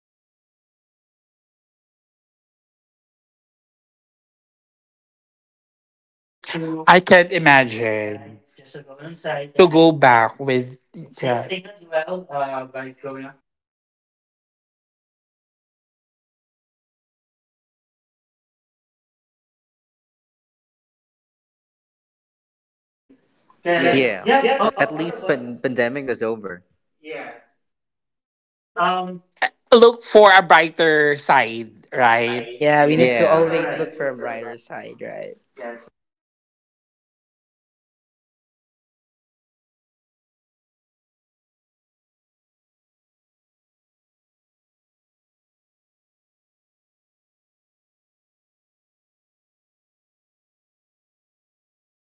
D: again, I have to anticipate the traffic just to go to work. I'll spend an hour or two,
C: I can imagine.
D: right, just to go on site.
C: To go back with
D: Same
C: yeah.
D: thing as well by going going home, another one to two hours of traveling time. But of course, there's still uncertainty about that the COVID, right?
B: Yes.
D: Because
B: Yeah.
A: Yeah.
D: yes,
B: Yes.
D: all,
B: Oh,
A: Yes.
D: all
A: At
D: of
A: least
D: us. Pandemic is
A: pandemic is
D: over.
A: over.
D: Yes, but still, look
C: Look for
D: for
C: a
D: a bike.
C: brighter side, right?
B: yeah,
A: Yeah.
B: we need to,
D: Yeah,
B: yeah,
A: Yeah. All
D: correct.
B: always
A: right.
B: look for a brighter side, right?
D: Yeah,
B: Yes.
D: so it's actually, again, it's a really a big adjustment. But for me, if you ask me, it's a win-win situation. Because again, since I've been working at home for 1.5 years, and again, the boredom really kicks in.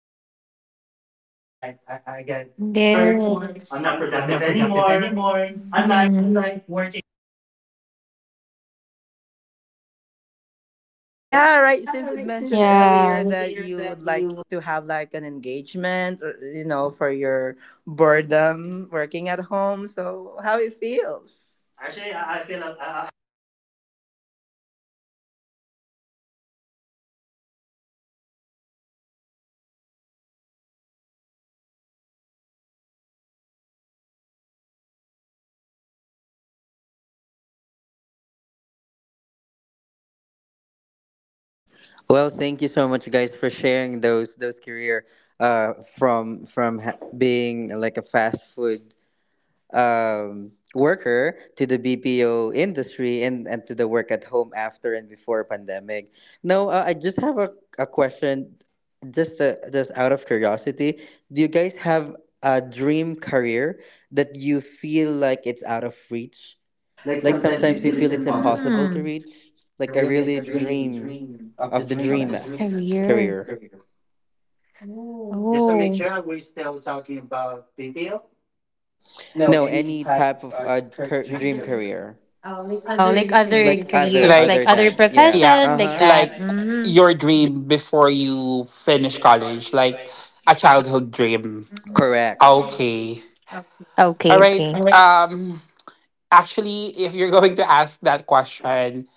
D: Right, I get bored at work.
B: Works.
D: I'm
B: I'm
D: not
E: Yes.
B: not
D: productive
B: productive
D: anymore.
B: anymore. Unlike,
D: Unlike working in
E: Mm.
D: site, it's very productive because you can see your coworkers,
B: right?
D: right?
B: Yeah,
D: Yeah,
B: right.
D: right.
B: Since
D: Since
B: you mentioned
D: said
B: earlier
D: earlier
B: that
D: that
B: you
D: you
B: would
D: like
B: like
E: Yeah.
B: to
D: to
B: have
D: have like
B: like
D: an
B: an
D: engagement.
B: engagement, or, you know, for your boredom working at home. So how it feels?
D: Actually,
B: Actually,
D: I, I
B: I
D: feel
B: feel
D: I, I, I feel amazing that time. I felt amazing that time, and I was very happy because again I was able to see my coworkers again, talk about process, talk about life, how they deal with the COVID that time. So yeah, I was so very happy.
A: Well, thank you so much, guys, for sharing those career being like a fast food worker to the BPO industry, and to the work at home after and before pandemic. Now, I just have a question, just out of curiosity, do you guys have a dream career that you feel like it's out of reach?
B: like
A: Like
B: sometimes
A: sometimes
B: you
A: we
B: feel
A: feel
B: it's
A: it's
B: impossible.
A: impossible to reach. Like I really dream of the dreamest career.
D: Just to make
E: Oh.
D: sure, we're still talking about BPO. No,
A: No,
D: any
A: any
D: type of
A: type of
D: career.
A: dream
D: You
A: career.
E: Oh, like other. Like
A: Like other
C: Like
A: other than, yeah.
C: yeah,
E: profession.
A: Uh huh.
C: like your dream before you finish college, like a
A: Like,
C: childhood dream.
A: correct.
C: Okay.
A: Okay.
C: All
E: Okay,
C: right.
E: okay. All right.
C: Actually, if you're going to ask that question,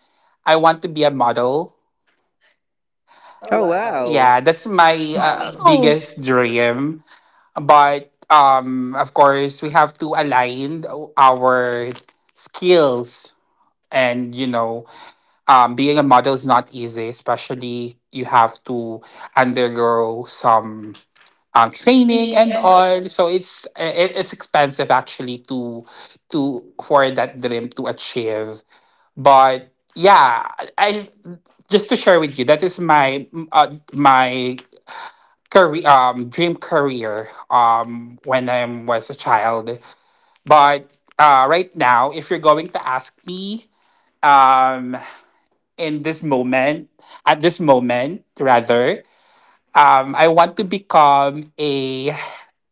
C: I want to be a model.
A: Oh wow.
C: Yeah, that's my
E: Oh.
C: biggest dream. But of course we have to align our skills and you know being a model is not easy, especially you have to undergo some training and all, so it's expensive actually to for that dream to achieve. But yeah, I just to share with you that is my career, dream career when I was a child. But right now, if you're going to ask me um, in this moment, at this moment, rather, I want to become a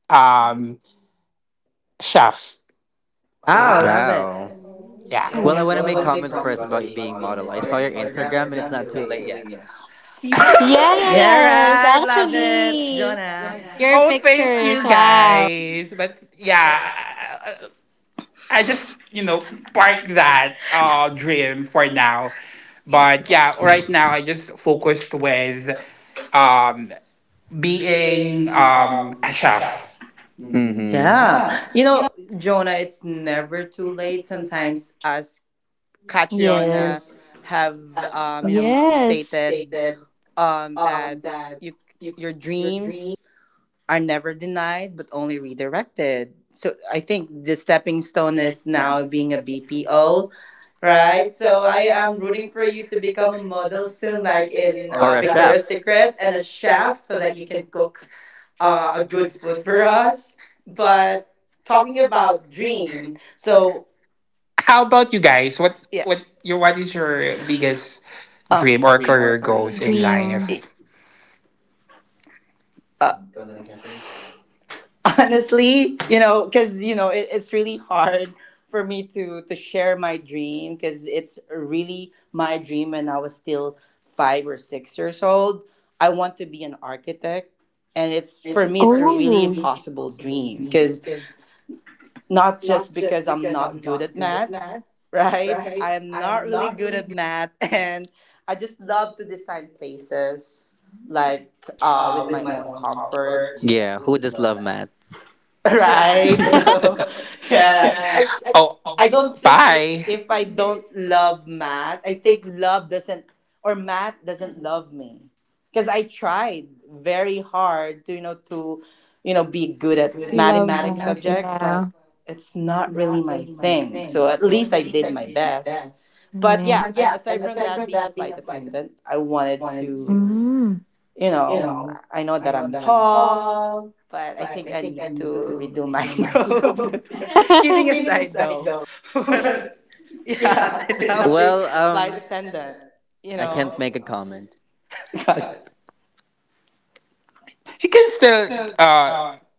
C: um, chef.
B: Wow, love it.
A: Wow.
C: Yeah.
B: Well,
C: Well,
E: Oh.
C: I
B: I
A: Well, I
C: want
B: want
C: to
B: to
A: want to
C: make
B: make
A: make
C: comment
B: comment
A: comments
B: first
C: first
A: first
C: about
B: about
A: about you
B: being
C: being
A: being
C: model.
B: model.
C: I
B: I
A: model. I
B: saw
C: saw
A: saw
B: your
C: your
A: your
C: Instagram,
B: Instagram and
C: and
A: Instagram and
C: it's
B: it's
A: it's
C: not
B: not too
A: not
C: too
A: too
B: late
C: late
A: late
C: yet.
B: yet.
A: yet.
B: Yes. Yeah, right. Love it, Jonah.
C: Oh, thank you
E: Wow.
C: guys. But yeah, I just you know park
B: Partner.
C: that dream for now. But yeah, right now I just focused with um
B: He
C: being
A: Being
B: um,
C: a chef.
A: chef.
B: mm-hmm.
A: Mm-hmm.
B: Yeah.
A: Yeah.
B: You
A: You know.
B: know,
D: know,
B: Jonah, it's never too late. Sometimes, as Catriona have you know
E: Yes.
B: stated that you your dreams are never denied but only redirected. So I think the stepping stone is now being a BPO, right? So I am looking for you to become a model soon, like in
A: Or a chef.
B: Victoria's Secret chef, so that you are good food for us. But talking about dream. So
C: How about you guys,
B: yeah.
C: what
B: What
C: your, what is
B: is your
C: your
B: sure?
C: biggest
B: Um,
C: dream or career goals in life?
B: e- uh,
D: honestly,
B: honestly, you know, because you know, it's really hard for me to share my dream because it's really my dream when I was still 5 or 6 years old. I want to be an architect, and it's for me, it's a really impossible dream because not just because I'm not good at math. Right? I am not really good at math, and I just love to design places like with
A: With
B: my
A: my
B: own
A: own
B: comfort.
A: comfort,
B: Yeah,
A: yeah,
B: who
A: who
B: does
A: does
B: love
A: love
B: math?
A: math? Right?
B: Right?
A: So,
B: Yeah.
C: Oh,
B: I
C: I
B: don't,
C: don't bye
B: if I don't
C: love
B: love math,
C: math.
B: I think love doesn't, or math doesn't love me. Because I tried very hard to, you know, be good at
E: Love
B: mathematics subject, but
E: that.
B: it's not really
E: But
B: my thing. So at least I did my best. But yeah, and
E: yeah.
B: aside from that, being a flight
E: Attendant.
B: attendant, I wanted to,
E: Mm.
B: you know, I know that I'm tall, but I think I need to redo my
D: my
B: nose.
D: nose.
B: Kidding
D: Kidding aside.
B: aside though. Yeah,
A: yeah.
B: and
A: You
B: now
A: know,
B: well, being
A: well,
B: flight
A: flight
B: attendant.
A: attendant.
B: You
A: I you can't
B: know,
A: know. Make a comment.
B: God,
C: You can still uh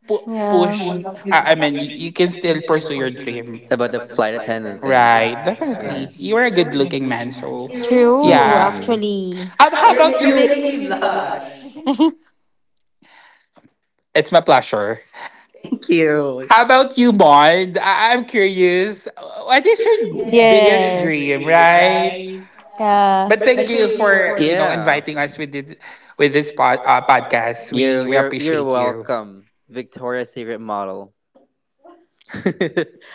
E: Yeah.
C: push,
A: Yeah.
C: I
A: I
C: mean
A: mean,
C: you
A: you
C: can
A: can
C: still
A: still
C: pursue your
A: pursue your
C: dream,
A: dream about the flight attendant thing. Right.
C: right?
D: Right. But Right.
A: Yeah.
C: Definitely,
D: really,
C: you are a
D: you're a
C: good
D: good
C: looking
D: looking
C: man,
D: man, so.
C: so
B: you.
E: True,
C: yeah.
A: Mm.
E: actually.
C: How
D: You're,
C: about
D: about
B: You're
D: you're you?
C: You're
A: You're
C: you?
B: making
C: Making
D: Making
B: me
A: making
C: me
D: me
A: me
C: blush.
B: blush.
D: blush.
A: blush.
C: It's my pleasure.
B: Thank you.
C: How
B: How
C: about
B: about
C: you,
B: you?
C: Bond? I'm curious. What is your, yes, biggest
E: Yes.
C: dream, right?
E: Yeah.
C: But
A: But
C: thank
A: thank
C: you
A: you for,
C: for you know
A: yeah. Right?
C: inviting us with the, with this podcast. We
A: You're
C: appreciate you.
A: welcome, Victoria's Secret model.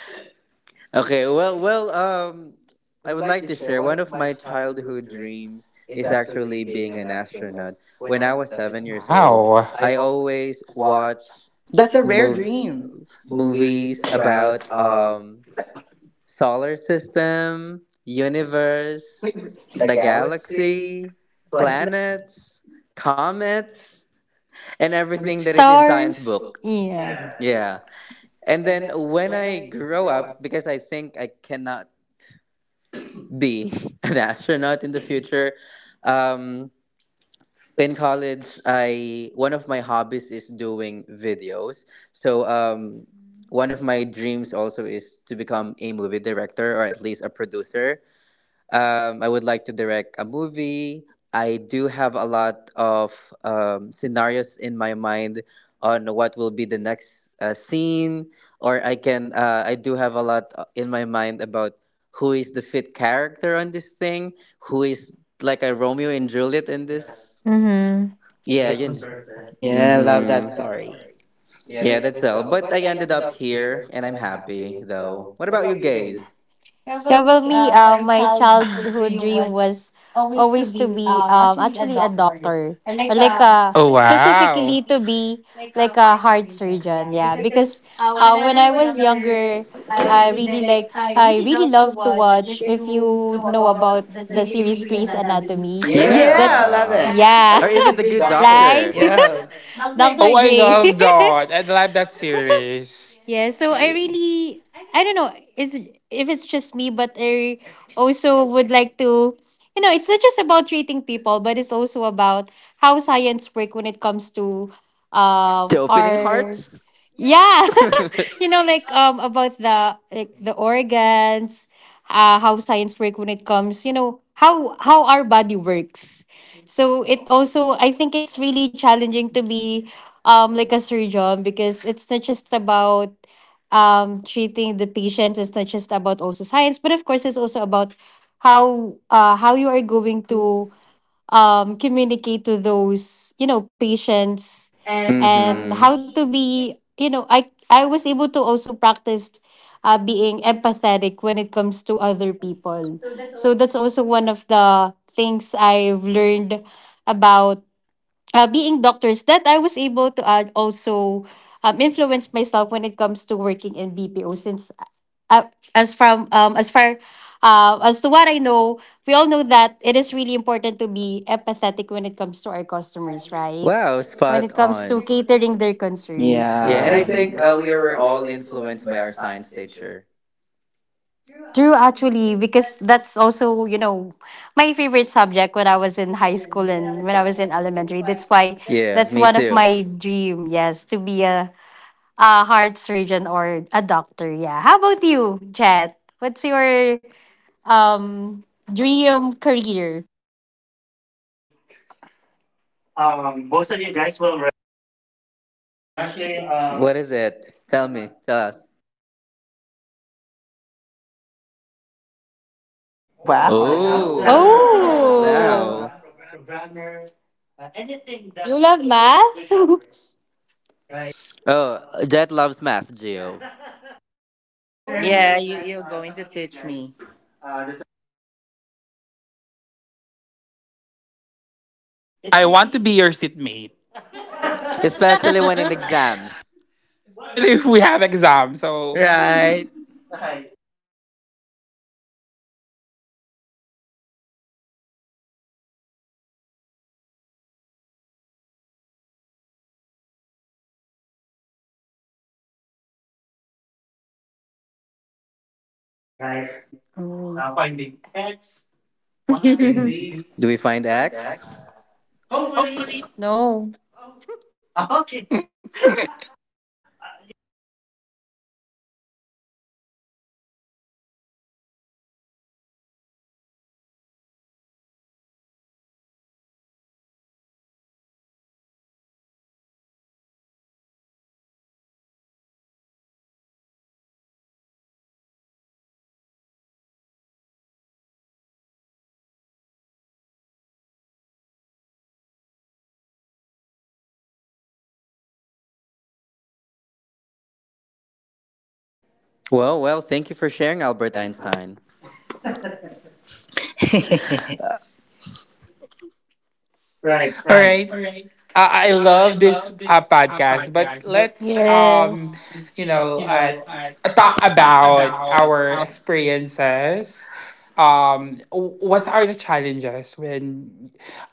A: Okay, well, well, I would like to share one of my childhood dreams is actually being an astronaut. When I
C: Wow.
A: was 7 years old, I always watched
B: That's a rare
A: mov-
B: dream. Movies
A: movies
B: about
A: about, solar system, universe, the galaxy, planets, comets, and everything that is in science
E: Stars.
A: book.
D: Yeah,
E: Yeah.
D: yeah.
A: Yeah.
D: Yes.
A: And then when I grow up, because I think I cannot be an astronaut in the future. Um, in college, I, one of my hobbies is doing videos. So, one of my dreams also is to become a movie director or at least a producer. I would like to direct a movie. I do have a lot of scenarios in my mind on what will be the next scene, or I can, I do have a lot in my mind about who is the fit character on this thing, who is like a Romeo
D: You and
A: and
D: Juliet
A: Juliet
D: and
A: in
D: yes, this.
A: this.
E: Mm-hmm.
D: That yeah,
A: Yeah,
D: sounds
A: you
D: yeah,
A: know.
D: perfect.
B: yeah, I
D: Yeah, I
B: love
D: love
B: that
D: that
A: Mm-hmm.
D: story.
B: story. Yeah,
D: Yeah,
A: Yeah,
B: that's
D: that's
A: that's all.
D: all. But
A: But
D: I
A: I
D: ended
A: ended up
D: up here.
A: here, and I'm happy though. What about you guys?
E: Yeah, well, me, my childhood dream was always to be actually a doctor, or like a,
C: Oh wow.
E: specifically to be like a heart surgeon. Yeah, because when I was younger, I really love to watch, if you know about the series
B: Grey's
E: Grey's
B: Anatomy.
E: Anatomy,
B: Yeah. Yeah, I
E: that's,
B: love it.
A: Yeah.
E: yeah,
A: Or
B: Yeah, with a
A: even the
B: good
A: good
B: doctor.
E: right,
A: doctor.
B: Yeah. Doctor.
E: Doctor
C: Oh, I
E: Grey.
C: love that. I love that series.
E: Yeah, so I really, I don't know, is, if it's just me, but I also would like to, you know, it's not just about treating people, but it's also about how science work when it comes to
A: The opening
E: our,
A: hearts?
E: yeah,
A: Yeah.
E: you know, like about the like the organs, how science work when it comes, you know, how our body works. So it also, I think it's really challenging to be like a surgeon, because it's not just about treating the patients, it's not just about also science, but of course it's also about how you are going to communicate to those, you know, patients, and
A: Mhm.
E: how to be, you know, I was able to also practice being empathetic when it comes to other people. So that's also one of the things I've learned about being doctors, that I was able to add also influence myself when it comes to working in BPO, since uh, as from as far as to what I know, we all know that it is really important to be empathetic when it comes to our customers, right?
A: Wow,
E: When
A: spot
E: it comes
A: on.
E: to catering their concerns,
B: Yeah,
A: Yeah,
B: and I,
A: and
B: yeah,
A: I
B: think
A: think
E: yes.
B: we
A: we
B: were
A: were
B: all
A: all
B: influenced
A: influenced
B: by
A: by
B: our
A: our
B: science
A: science
B: teacher.
A: teacher.
E: True, actually, because that's also, you know, my favorite subject when I was in high school and when I was in elementary, that's why
A: Yeah,
E: that's
A: me
E: one of
A: too.
E: my dream, yes, to be a heart surgeon or a doctor. Yeah. How about you, Chet? What's your um dream career?
D: I think um most will react on this. But actually what
A: What is
D: is it?
A: it?
D: my,
A: Tell
D: my
A: me, tell us.
D: Yes, my dream is actually to be an accountant.
B: Oh, we
D: An
B: wow.
A: Oh,
D: accountant,
E: Oh.
B: Wow.
A: wow.
D: a programmer,
E: Programmer. Uh,
D: anything that
E: anything. That you
D: involves
E: love
D: with numbers,
E: math.
D: right?
A: Oh,
D: Uh,
A: Jet
D: Jed
A: loves
D: loves math,
A: math,
D: yeah.
A: Geo.
D: Well, I heard
B: Yeah,
D: earlier that
B: you're going to
D: some of you
B: teach me.
D: guys doesn't love math, but I do love math, cause
C: I want to be your seatmate,
D: of
A: Especially when in exams.
D: course.
C: especially if we have exams. So
D: So,
B: Right.
D: right. Right. Well, actually, what really amazed me is the equation, right? You have this specific equation and you'll solve it, and it's a very long line equation, and yet you will end up with a single digit, right?
E: Oh.
D: Finding
E: Finding
D: x,
E: X. Y,
D: y, and
E: and
D: z's.
A: Do
D: Do
A: we
D: we
E: Z's.
A: find
D: find
E: We find
D: X?
A: X?
E: X.
A: Hopefully.
D: Hopefully,
E: No.
D: oh, okay. Well, yes, that's one of my dreams. Because again, I really love doing math. Again, anything that involves numbers, because there's a specific problem and you have a specific um, equation to solve that problem. And it really amazed me how it works. That's why I was able to um, use that in my advantage and in BPO as well.
A: Well,
D: Well,
A: well,
D: well, thank
A: thank you
D: you
A: for
D: for
A: sharing,
D: sharing,
A: Albert
D: Albert.
A: Einstein.
D: Right,
C: all
D: all
C: right.
D: right.
C: I
E: I
C: love this
E: love this
C: podcast, but
E: podcast. But
C: let's
E: yes.
B: um,
C: you know, uh, talk
B: talk about
C: about our experiences. Um, w-
B: what's
C: what
B: our
C: are the challenges when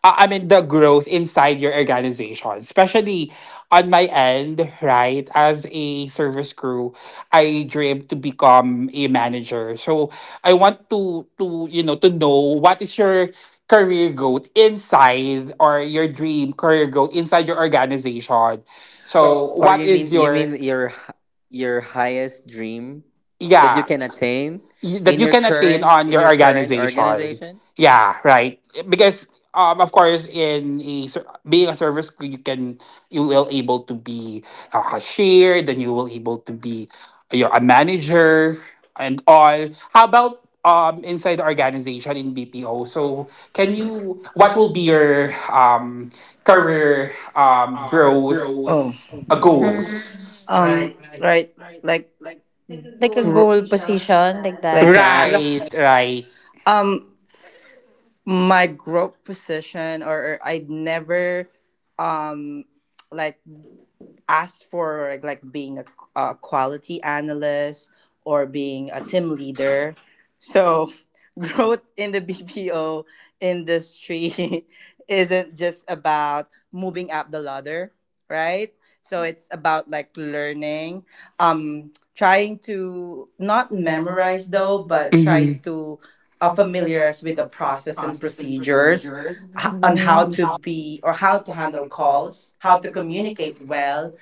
C: I mean the growth inside your organization, especially on my end, right? As a service crew, I dream to become a manager. So I want to know what is your career growth inside or your dream career growth inside your organization. So
A: So, or what you
C: what
A: is mean
C: is
A: is your
C: your
A: mean your your highest dream that you, yeah,
C: yeah,
A: can attain
C: that you can attain on
A: in
C: your
A: your current
C: organization.
A: organization,
C: Yeah, right. Because of course, being a service crew, you can you will able to be a cashier, then you will able to be you're a manager and all. How about inside the organization in BPO?
B: BPO.
C: So
B: So,
C: can
B: can
C: you
B: you?
C: what
B: What
C: will
B: will be
C: be your
B: your
C: career
B: career
C: growth
B: growth. Oh,
D: Oh,
E: Mm.
C: goals?
B: goals? Right,
D: right.
B: right. Like
E: Like a
B: like
E: goal position, like
B: that. Like
E: that.
B: that.
C: Right,
B: Right.
C: right.
B: Um, my growth position, or I never, um, like asked for like being a quality analyst or being a team leader. So growth in the BPO industry isn't just about moving up the ladder, right? So it's about like learning, trying to not memorize though, but try
C: Mm-hmm.
B: to familiarize with the process and procedures on how
E: Mhm.
B: to be or how to handle calls, how to communicate well,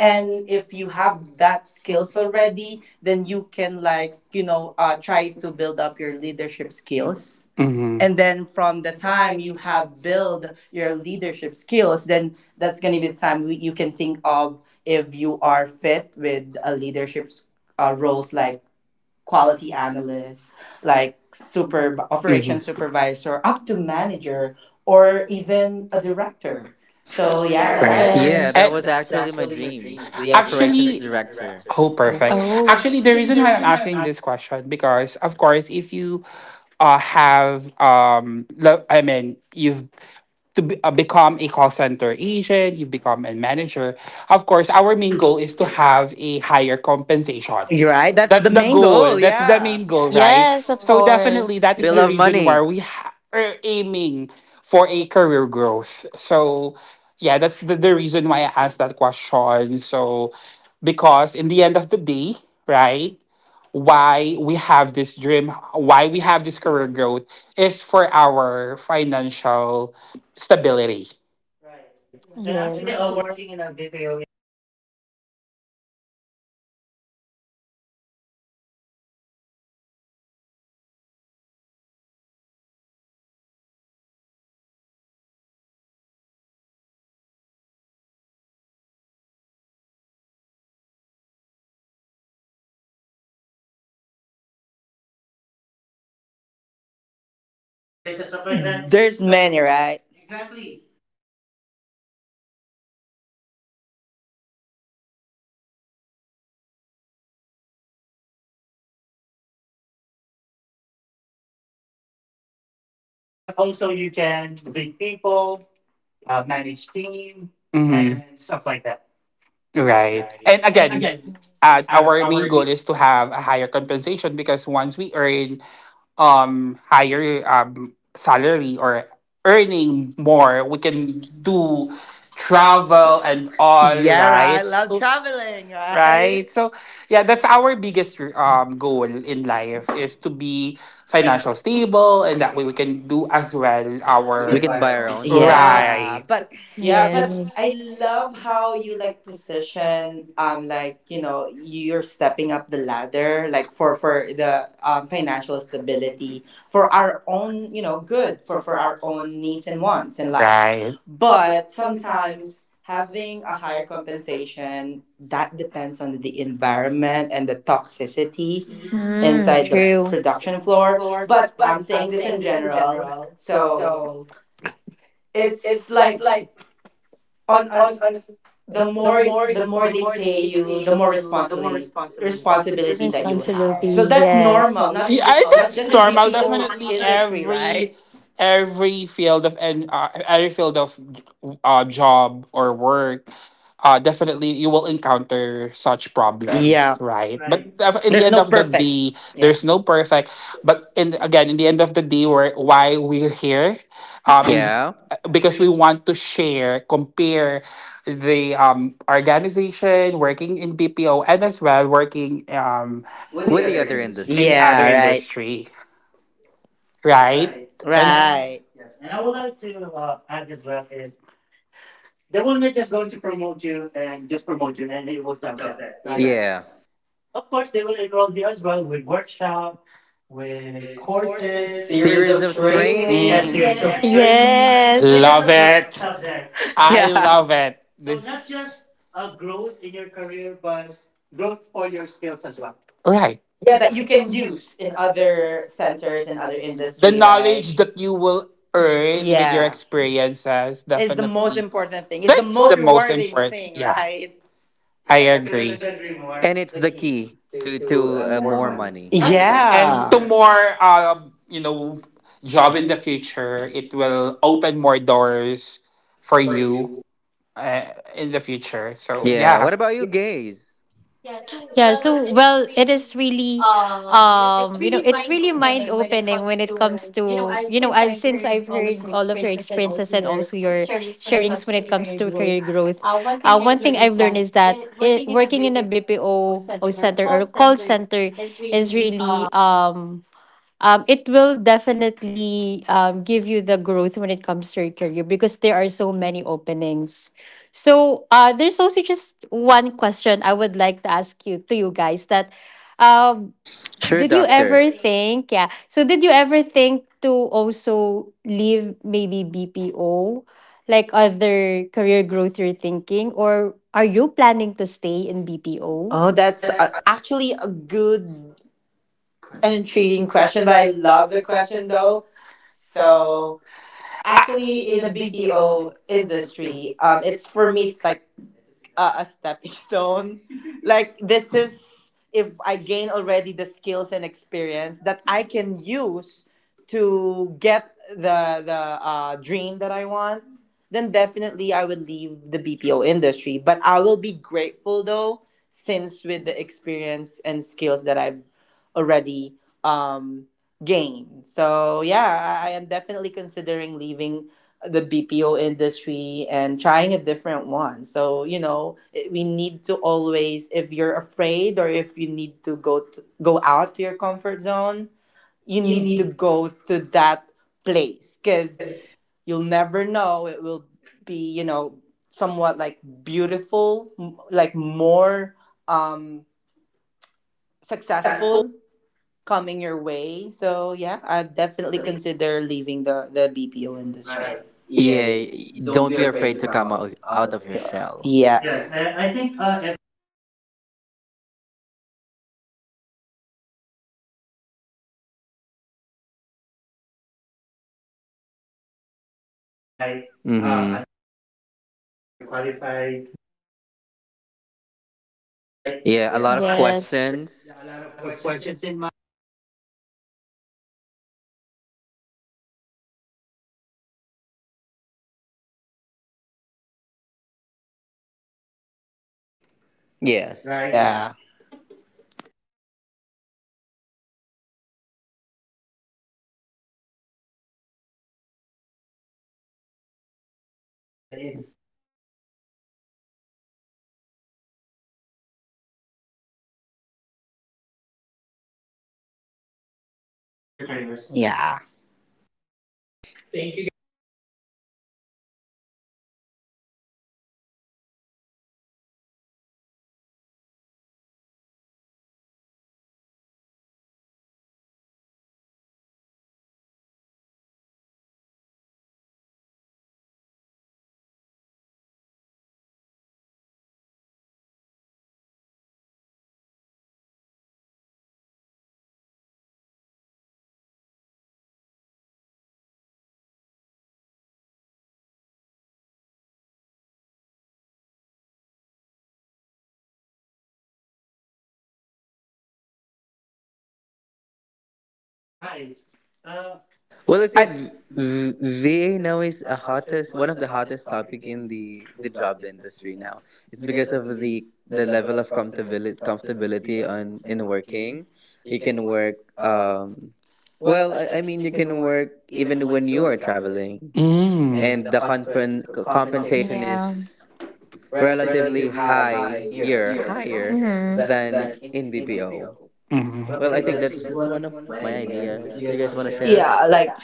B: and if you have that skills already, then you can like, you know, try to build up your leadership skills. Mhm.
C: Mm-hmm.
B: And
C: Mm-hmm.
B: then from the time you have built your leadership skills, then that's going to be the time you can think of if you are fit with a leadership roles like quality analyst, like super operation
C: Mm-hmm.
B: supervisor up to manager or even a director.
A: right?
B: So
A: So
B: yeah,
E: Oh
A: yeah,
E: yeah.
C: Right.
B: right.
A: right.
B: Yeah,
A: Yeah, that
E: Yes.
B: it
C: And
E: Yeah,
B: was
A: was
E: that was
B: actually
A: actually
B: my
A: my
E: actually
B: dream
A: dream.
E: me.
A: The operations
C: actually,
B: director,
A: director.
C: oh,
E: Oh.
C: perfect.
B: right?
E: Oh,
C: Actually, the reason why I'm asking this question because, of course, if you have I mean, you've to be, become a call center agent, you've become a manager. Of course, our
B: Our
C: main
B: main
C: goal
B: goal
C: is to have a higher
B: is HR.
C: compensation.
B: You're right. That's
C: That's
B: the
C: the
B: main goal.
C: goal.
B: Goal.
C: That's the
B: Yeah.
C: main goal, right?
E: yes, of
C: So
E: course.
C: definitely that is
A: We
C: the
A: love
C: reason why
A: money.
C: are aiming for a career growth. So yeah, that's the reason why I asked that question. So because in the end of the day, right? Why we have this dream, why we have this career growth is for our financial stability.
D: Right. And
B: Actually,
D: actually,
E: Yes.
D: working in a BPO industry doesn't just live there, right? It gives you more opportunities, more doors to open. As a representative, you will have an opportunity to become a future leader, a future quality analyst, a future uh, business analysts, workforce management, right? Even manager and
B: directors
D: directors
B: and
D: and
B: stuff
D: stuff
B: like
D: like
B: that.
D: that.
B: There's
D: There's so
B: many,
D: many,
B: right?
D: right?
B: Exactly.
D: Exactly. So that's what what's good and great about working in a BPO industry because it doesn't stop there for interacting with card members, right? Also, you can lead people, manage team,
C: Mhm. And
D: and
C: stuff
D: stuff
C: like
D: like that,
C: that. Right. And again, our main goal is to have a higher compensation because once we earn higher salary or earning more, we
B: We can
C: can do
B: do
C: travel
B: travel
C: and
B: and
C: all,
B: all. Yeah, right. I
C: right?
B: love
C: So,
B: traveling, right?
C: right. So yeah, that's our biggest goal in life is to be financial stable and that way we can do as well
B: We
A: We
C: our
B: did,
A: can buy our own stuff.
B: yeah,
C: right.
B: but yeah, but
E: Yes.
B: I love how you like position like you know you're stepping up the ladder like for the financial stability for our own, you know, good for our own needs and wants in life.
C: Right.
B: But sometimes having a higher compensation that depends on the environment and the toxicity
E: Mm,
B: inside the
E: true.
B: production floor. But I'm saying this in general, so it's like on the more they pay you, constantly responsibility that you'll have, so
E: Responsibility.
B: that's normal,
E: Yes.
B: not that's
C: That's
B: just in
C: normal.
B: BPO
C: Definitely
B: industry, right?
C: every every field of and every field of job or work, definitely you will encounter such problems,
B: Yeah,
C: right? Right. But def- in the there's end
B: oh
C: no of the perfect.
B: perfect,
C: Day,
B: yeah,
C: There's no perfect. But in again, in the end of the day, why we're here, yeah,
A: Yeah,
C: because we want to share, compare the organization working in BPO and as well working
B: with
C: with
B: the
A: with
C: the
A: the
B: other
C: other
A: other
B: industry.
C: industry. In
A: industries.
C: other
B: Yeah,
A: Yeah.
B: right,
C: industry, right?
D: right?
B: right.
C: And
D: And
B: Right.
D: right.
B: Yes,
D: Yes,
B: and
D: and I
B: I will
D: would
B: not
D: like to add as well is just going to promote you and just promote you and it will stop there, right? Yeah.
A: Yeah.
D: They will enroll in workshop with courses,
B: this
A: Courses.
B: series
A: Series
B: of
A: of
B: training. Mm. Yes,
A: training.
B: series of training
D: training,
E: Yes.
C: love it.
D: stop there.
B: subject.
C: I
B: Yeah.
C: love it.
B: So
D: So not
B: not
C: This
B: just
D: just
B: a
D: a growth in your career, but growth for your skills as well.
C: right.
D: You,
B: yeah
C: Yeah,
B: that
C: that
B: you
D: right?
C: you
D: You
B: can
C: can
D: can
B: use
C: use
D: use
B: in
C: in
B: other
C: other
D: your
B: centers
C: centers
B: and
C: and
B: other
C: other industries. The
B: industry, right?
C: knowledge that you will earn with your
B: Yeah,
C: experiences,
B: is the most
C: definitely.
B: important thing. It's the
C: That's
B: most
C: the most
B: rewarding
C: important.
B: thing,
C: Yeah,
B: right?
C: I
D: I couldn't
C: agree.
D: agree more. And
A: And
D: it's
A: it's
D: the
A: the
D: key
A: key
D: to
B: To
A: to
B: more
D: more
A: more
D: money.
B: money.
A: money.
D: Ah yeah, yes.
B: Yeah.
C: And to
B: To more,
C: more
B: you know,
C: job
B: job
C: in
B: in the
C: the future
B: future,
C: it
B: it will
C: will
B: open.
C: open more doors for you uh, in the future so
A: Yeah.
D: How
C: yeah
A: What
D: about
A: about
D: you
A: you,
D: guys?
A: gays?
E: Yeah, so well, it is really you know, it's really mind opening when it comes to, you know, I've, since I've heard all of your experiences and also your sharings when it comes to career growth. One thing I've learned is that working in a BPO or center or call center is really it will definitely give you the growth when it comes to your career, because there are so many openings. So there's also just one question I would like to ask you to you guys, that um,
A: Sure,
E: did you
A: doctor.
E: ever think, yeah, so did you ever think to also leave maybe BPO, like other career growth you're thinking, or are you planning to stay in BPO?
B: Oh, that's
A: That's
B: actually a good and intriguing question, but I love the question though. So, BPO industry, it's for me, it's like a stepping stone. Like this is if I gain already the skills and experience that I can use to get the dream that I want, then definitely I would leave the BPO industry. But I will be grateful though, since with the experience and skills that I've already um, gained. So yeah, I am definitely considering leaving the BPO industry and trying a different one. So you know, we need to always, if you're afraid or if you need to, go out to your comfort zone, you
A: you
B: need to
A: need
B: go to that place because
A: is
B: you'll never know. It will be, you know, somewhat like beautiful, like more um
A: successful.
B: successful coming your way. So yeah, I'd definitely
A: Definitely.
B: consider
D: Consider
B: leaving
D: leaving
B: the
D: the
B: BPO industry.
D: right.
B: Right.
A: Right.
D: Yeah,
A: Yeah.
B: Yeah.
D: don't
B: Don't
A: Don't
D: be
B: be
A: be
B: afraid
D: afraid
A: afraid
D: to
B: to
A: to
D: come
B: come
A: come
D: out
B: out,
A: out
D: out
B: out
A: out
D: of
B: of
A: of
B: your
D: your
A: your
D: shell.
B: shell.
A: shell.
B: Yeah.
A: Yeah.
D: Yes,
B: Yes,
A: Yes.
D: I
B: I
D: think
B: think if
D: everyone can agree about this sentence. We felt that we felt that as well the time that we started BPO, right?
A: Right. Mm-hmm.
D: Uncertainty, are we
A: Are we
D: qualified?
A: qualified?
D: Can we do it, right?
A: Right.
D: Yeah, a
A: Yeah. A
D: but
A: lot
D: lot of
A: of
E: Yeah.
D: questions.
E: Yes.
A: questions.
D: Yeah, a
A: Yeah, a
D: lot
A: lot
D: of
A: of
D: questions
A: questions.
D: in mind because again, BPO industry, the time that I applied is not that yet structured. Comparing it nowadays, yes,
A: Yes.
D: right?
A: Right. Yeah.
B: yeah,
D: So again, I really love, and I'm hoping as well that I can still stay in BPO industry because again,
A: It's.
D: it's builds confidence, uh, will enhance your skills and everything, especially growth in
B: in
D: your
B: your careers.
D: careers.
B: Yeah.
A: Thank you.
D: Right. Uh,
B: I
A: Well,
D: well,
A: I
B: think,
A: think
B: I-
A: VA now is a hottest one of the hottest topic in the job industry now. It's because of the level of comfortability on in working. You can work. Well, I mean, you can work even when you are traveling,
C: mm. And
A: and the
C: compensation
A: compensation is
C: is.
E: Yeah.
A: relatively higher higher than in BPO.
C: Mhm.
B: well,
C: Well,
B: I
C: I
A: Well, I
B: think
C: think
A: think
B: that's
C: that's
B: that's
A: that's
B: one
C: one
B: of
C: of
A: one of
B: my
C: my
A: my
C: ideas.
B: ideas. Do
A: ideas.
B: you
A: You
B: guys
A: guys
B: want to
A: want to
B: share?
A: share?
B: Yeah, like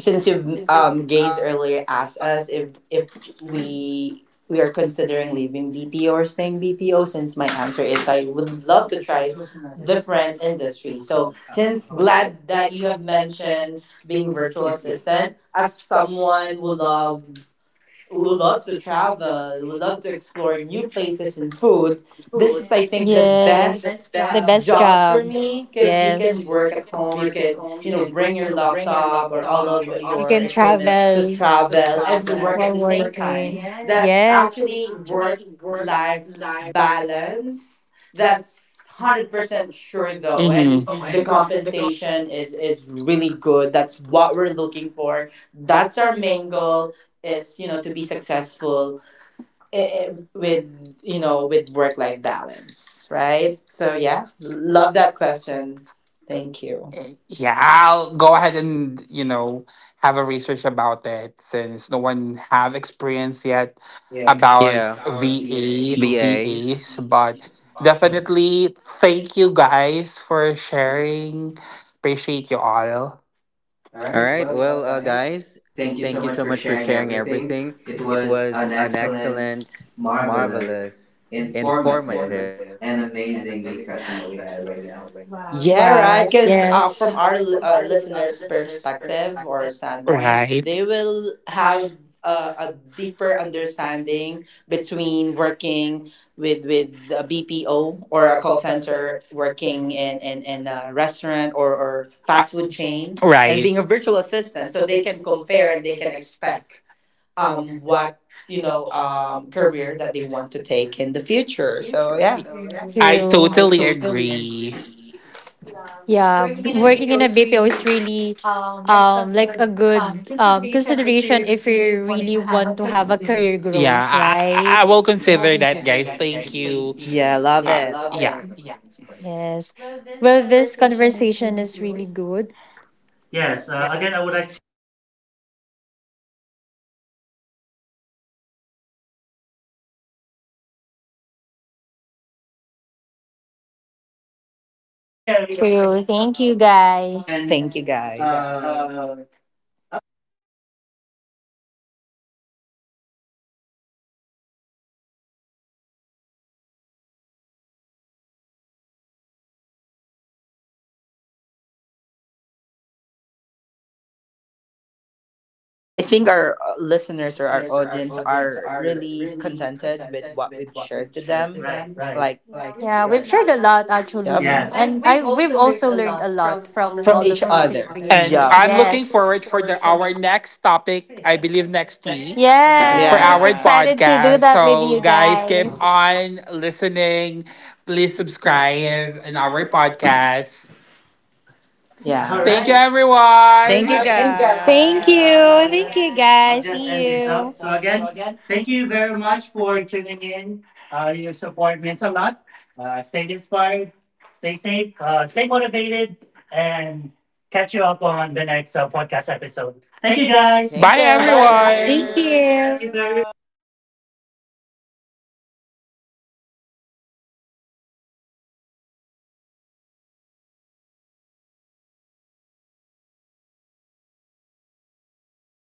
B: since you've gays earlier asked us if we are considering leaving BPO or staying BPO, since my answer is I would love to try different industry. So since glad that you have mentioned being a virtual assistant, as someone who love who loves to travel, who loves to explore new places and food, this is I
E: Mhm.
B: think the best job for
E: Job.
B: me. 'Cause at home you can, you know, bring your laptop or all of your equipments to travel and to work at the same time. That's actually work life balance. That's
C: That's one
B: hard
C: hundred percent
B: sure
C: sure though.
B: though
C: Mhm.
B: sensation is really good. That's what we're looking for. That's our main goal is, you know, to be successful i- i- with, you know, with work life balance, right? So yeah, love that question. Thank you.
C: Yeah, I'll
B: I'll
C: go
B: go
C: ahead
B: ahead and.
C: and, have a research about it since no one have experience yet
A: Yeah.
C: about
A: VAs.
C: VAs, but definitely thank you guys for sharing. Appreciate you all.
A: All right. Well, guys,
B: Thank you
A: thank
B: so
A: you
B: much
A: so
B: for
A: much for
B: sharing
A: sharing
B: everything.
A: everything.
B: It
A: It
B: was
A: was
B: an
A: an excellent
B: excellent, marvelous, informative, and amazing discussion that we had right now. Yeah, right.
E: Wow.
B: Because from our listener's perspective or standpoint,
C: Right.
B: they will have a deeper understanding between working with a BPO or a call center, working in a restaurant or
C: Uh,
B: fast food chain. Right. And being a
C: right.
B: virtual assistant, so they can compare and expect what you know career that they want to take in the future. So yeah,
C: I
E: True.
C: totally agree.
B: yeah,
E: Yeah,
B: working in a
E: working
B: BPO
E: in a
B: is
E: BPO
B: really.
E: is really like a good consideration if you really want to have a career growth, right?
C: I will consider that, guys.
B: Thank
C: Thank
B: you.
C: you.
B: Yeah, love
C: Uh,
B: it.
C: yeah.
E: Yeah. Yes.
B: Well, this
E: Well, this
B: conversation is
E: conversation
B: really
E: is really
B: good.
E: good.
D: yes,
B: Yes,
D: again,
B: again,
D: I
B: I
D: would
B: would
D: like
B: like to
D: to thank everyone who joined in this podcast. I've learned a lot. Okay, it, this was a great experience to talk with you all guys. And again, to share your opinions
E: True.
D: about
E: Thank you,
D: how you
B: and,
E: guys.
D: can,
B: thank you, guys.
D: uh, a, a certain topic about career growth, right? Mhm. So we still have more minutes. So I'll end this very quick. Anything else you'd like to share or you would like to I
B: I
D: think
B: think our listeners or our
D: our audience
B: audience
D: are
B: are
D: really
B: really
D: contented
B: contented
D: with
B: with
D: what
B: what
D: we've
B: we've
D: shared
B: shared
D: to
B: to
D: them.
B: them.
D: Right.
B: Right.
D: Like
B: Like, yeah, we've
E: Yeah,
B: learned, right,
E: we've
B: a lot
E: shared a lot
B: actually. Yup.
E: actually.
B: Yes.
D: yes.
B: I,
E: And
B: we've
E: I, we've
B: also
E: also
B: learned a
E: learned a
B: lot
E: lot
D: From
B: from
D: all
B: all of,
E: from
B: from
E: all of
B: each
E: those
B: other things.
C: And
B: Yup.
E: experiences.
C: I'm looking
E: Yes.
C: forward for the our next
D: yeah.
C: topic, I
D: Yes.
C: believe next week,
B: Yeah,
D: Yes.
C: for
E: Yes,
C: our
B: yeah,
E: excited to do
C: podcast.
E: that with
C: So,
E: you
C: guys, keep
E: guys.
C: on listening. Please
B: I
C: subscribe
B: am
C: in
B: in our
C: our
B: requirement.
C: podcast.
D: Yeah.
B: Yeah.
D: All
B: All
C: Thank you,
D: right.
B: right. Thank you,
C: everyone.
D: Okay.
B: okay.
D: So again,
E: Thank you.
B: So again, I'll guys just.
E: Thank you,
D: I'll
B: I'll
E: guys.
D: just
B: just
D: end
E: See
B: end
D: this
B: this
E: you.
D: up.
B: up.
D: So
B: So
D: again,
B: again,
D: thank
B: thank
D: you
B: you
D: very
B: very
D: much
B: much.
D: for tuning in. You a lot. Stay inspired, stay safe, stay motivated, and catch you up on the next. Thank
B: Thank you guys. Thank
C: Bye,
B: you,
D: you.
C: everyone.
E: Thank
D: Thank
B: buyers. Thank
D: you
B: you
D: very
B: very
E: you.
B: much.
D: much. Okay. Alright. Picture wait, wait, wait, wait. Alright, na okay. Upload ba?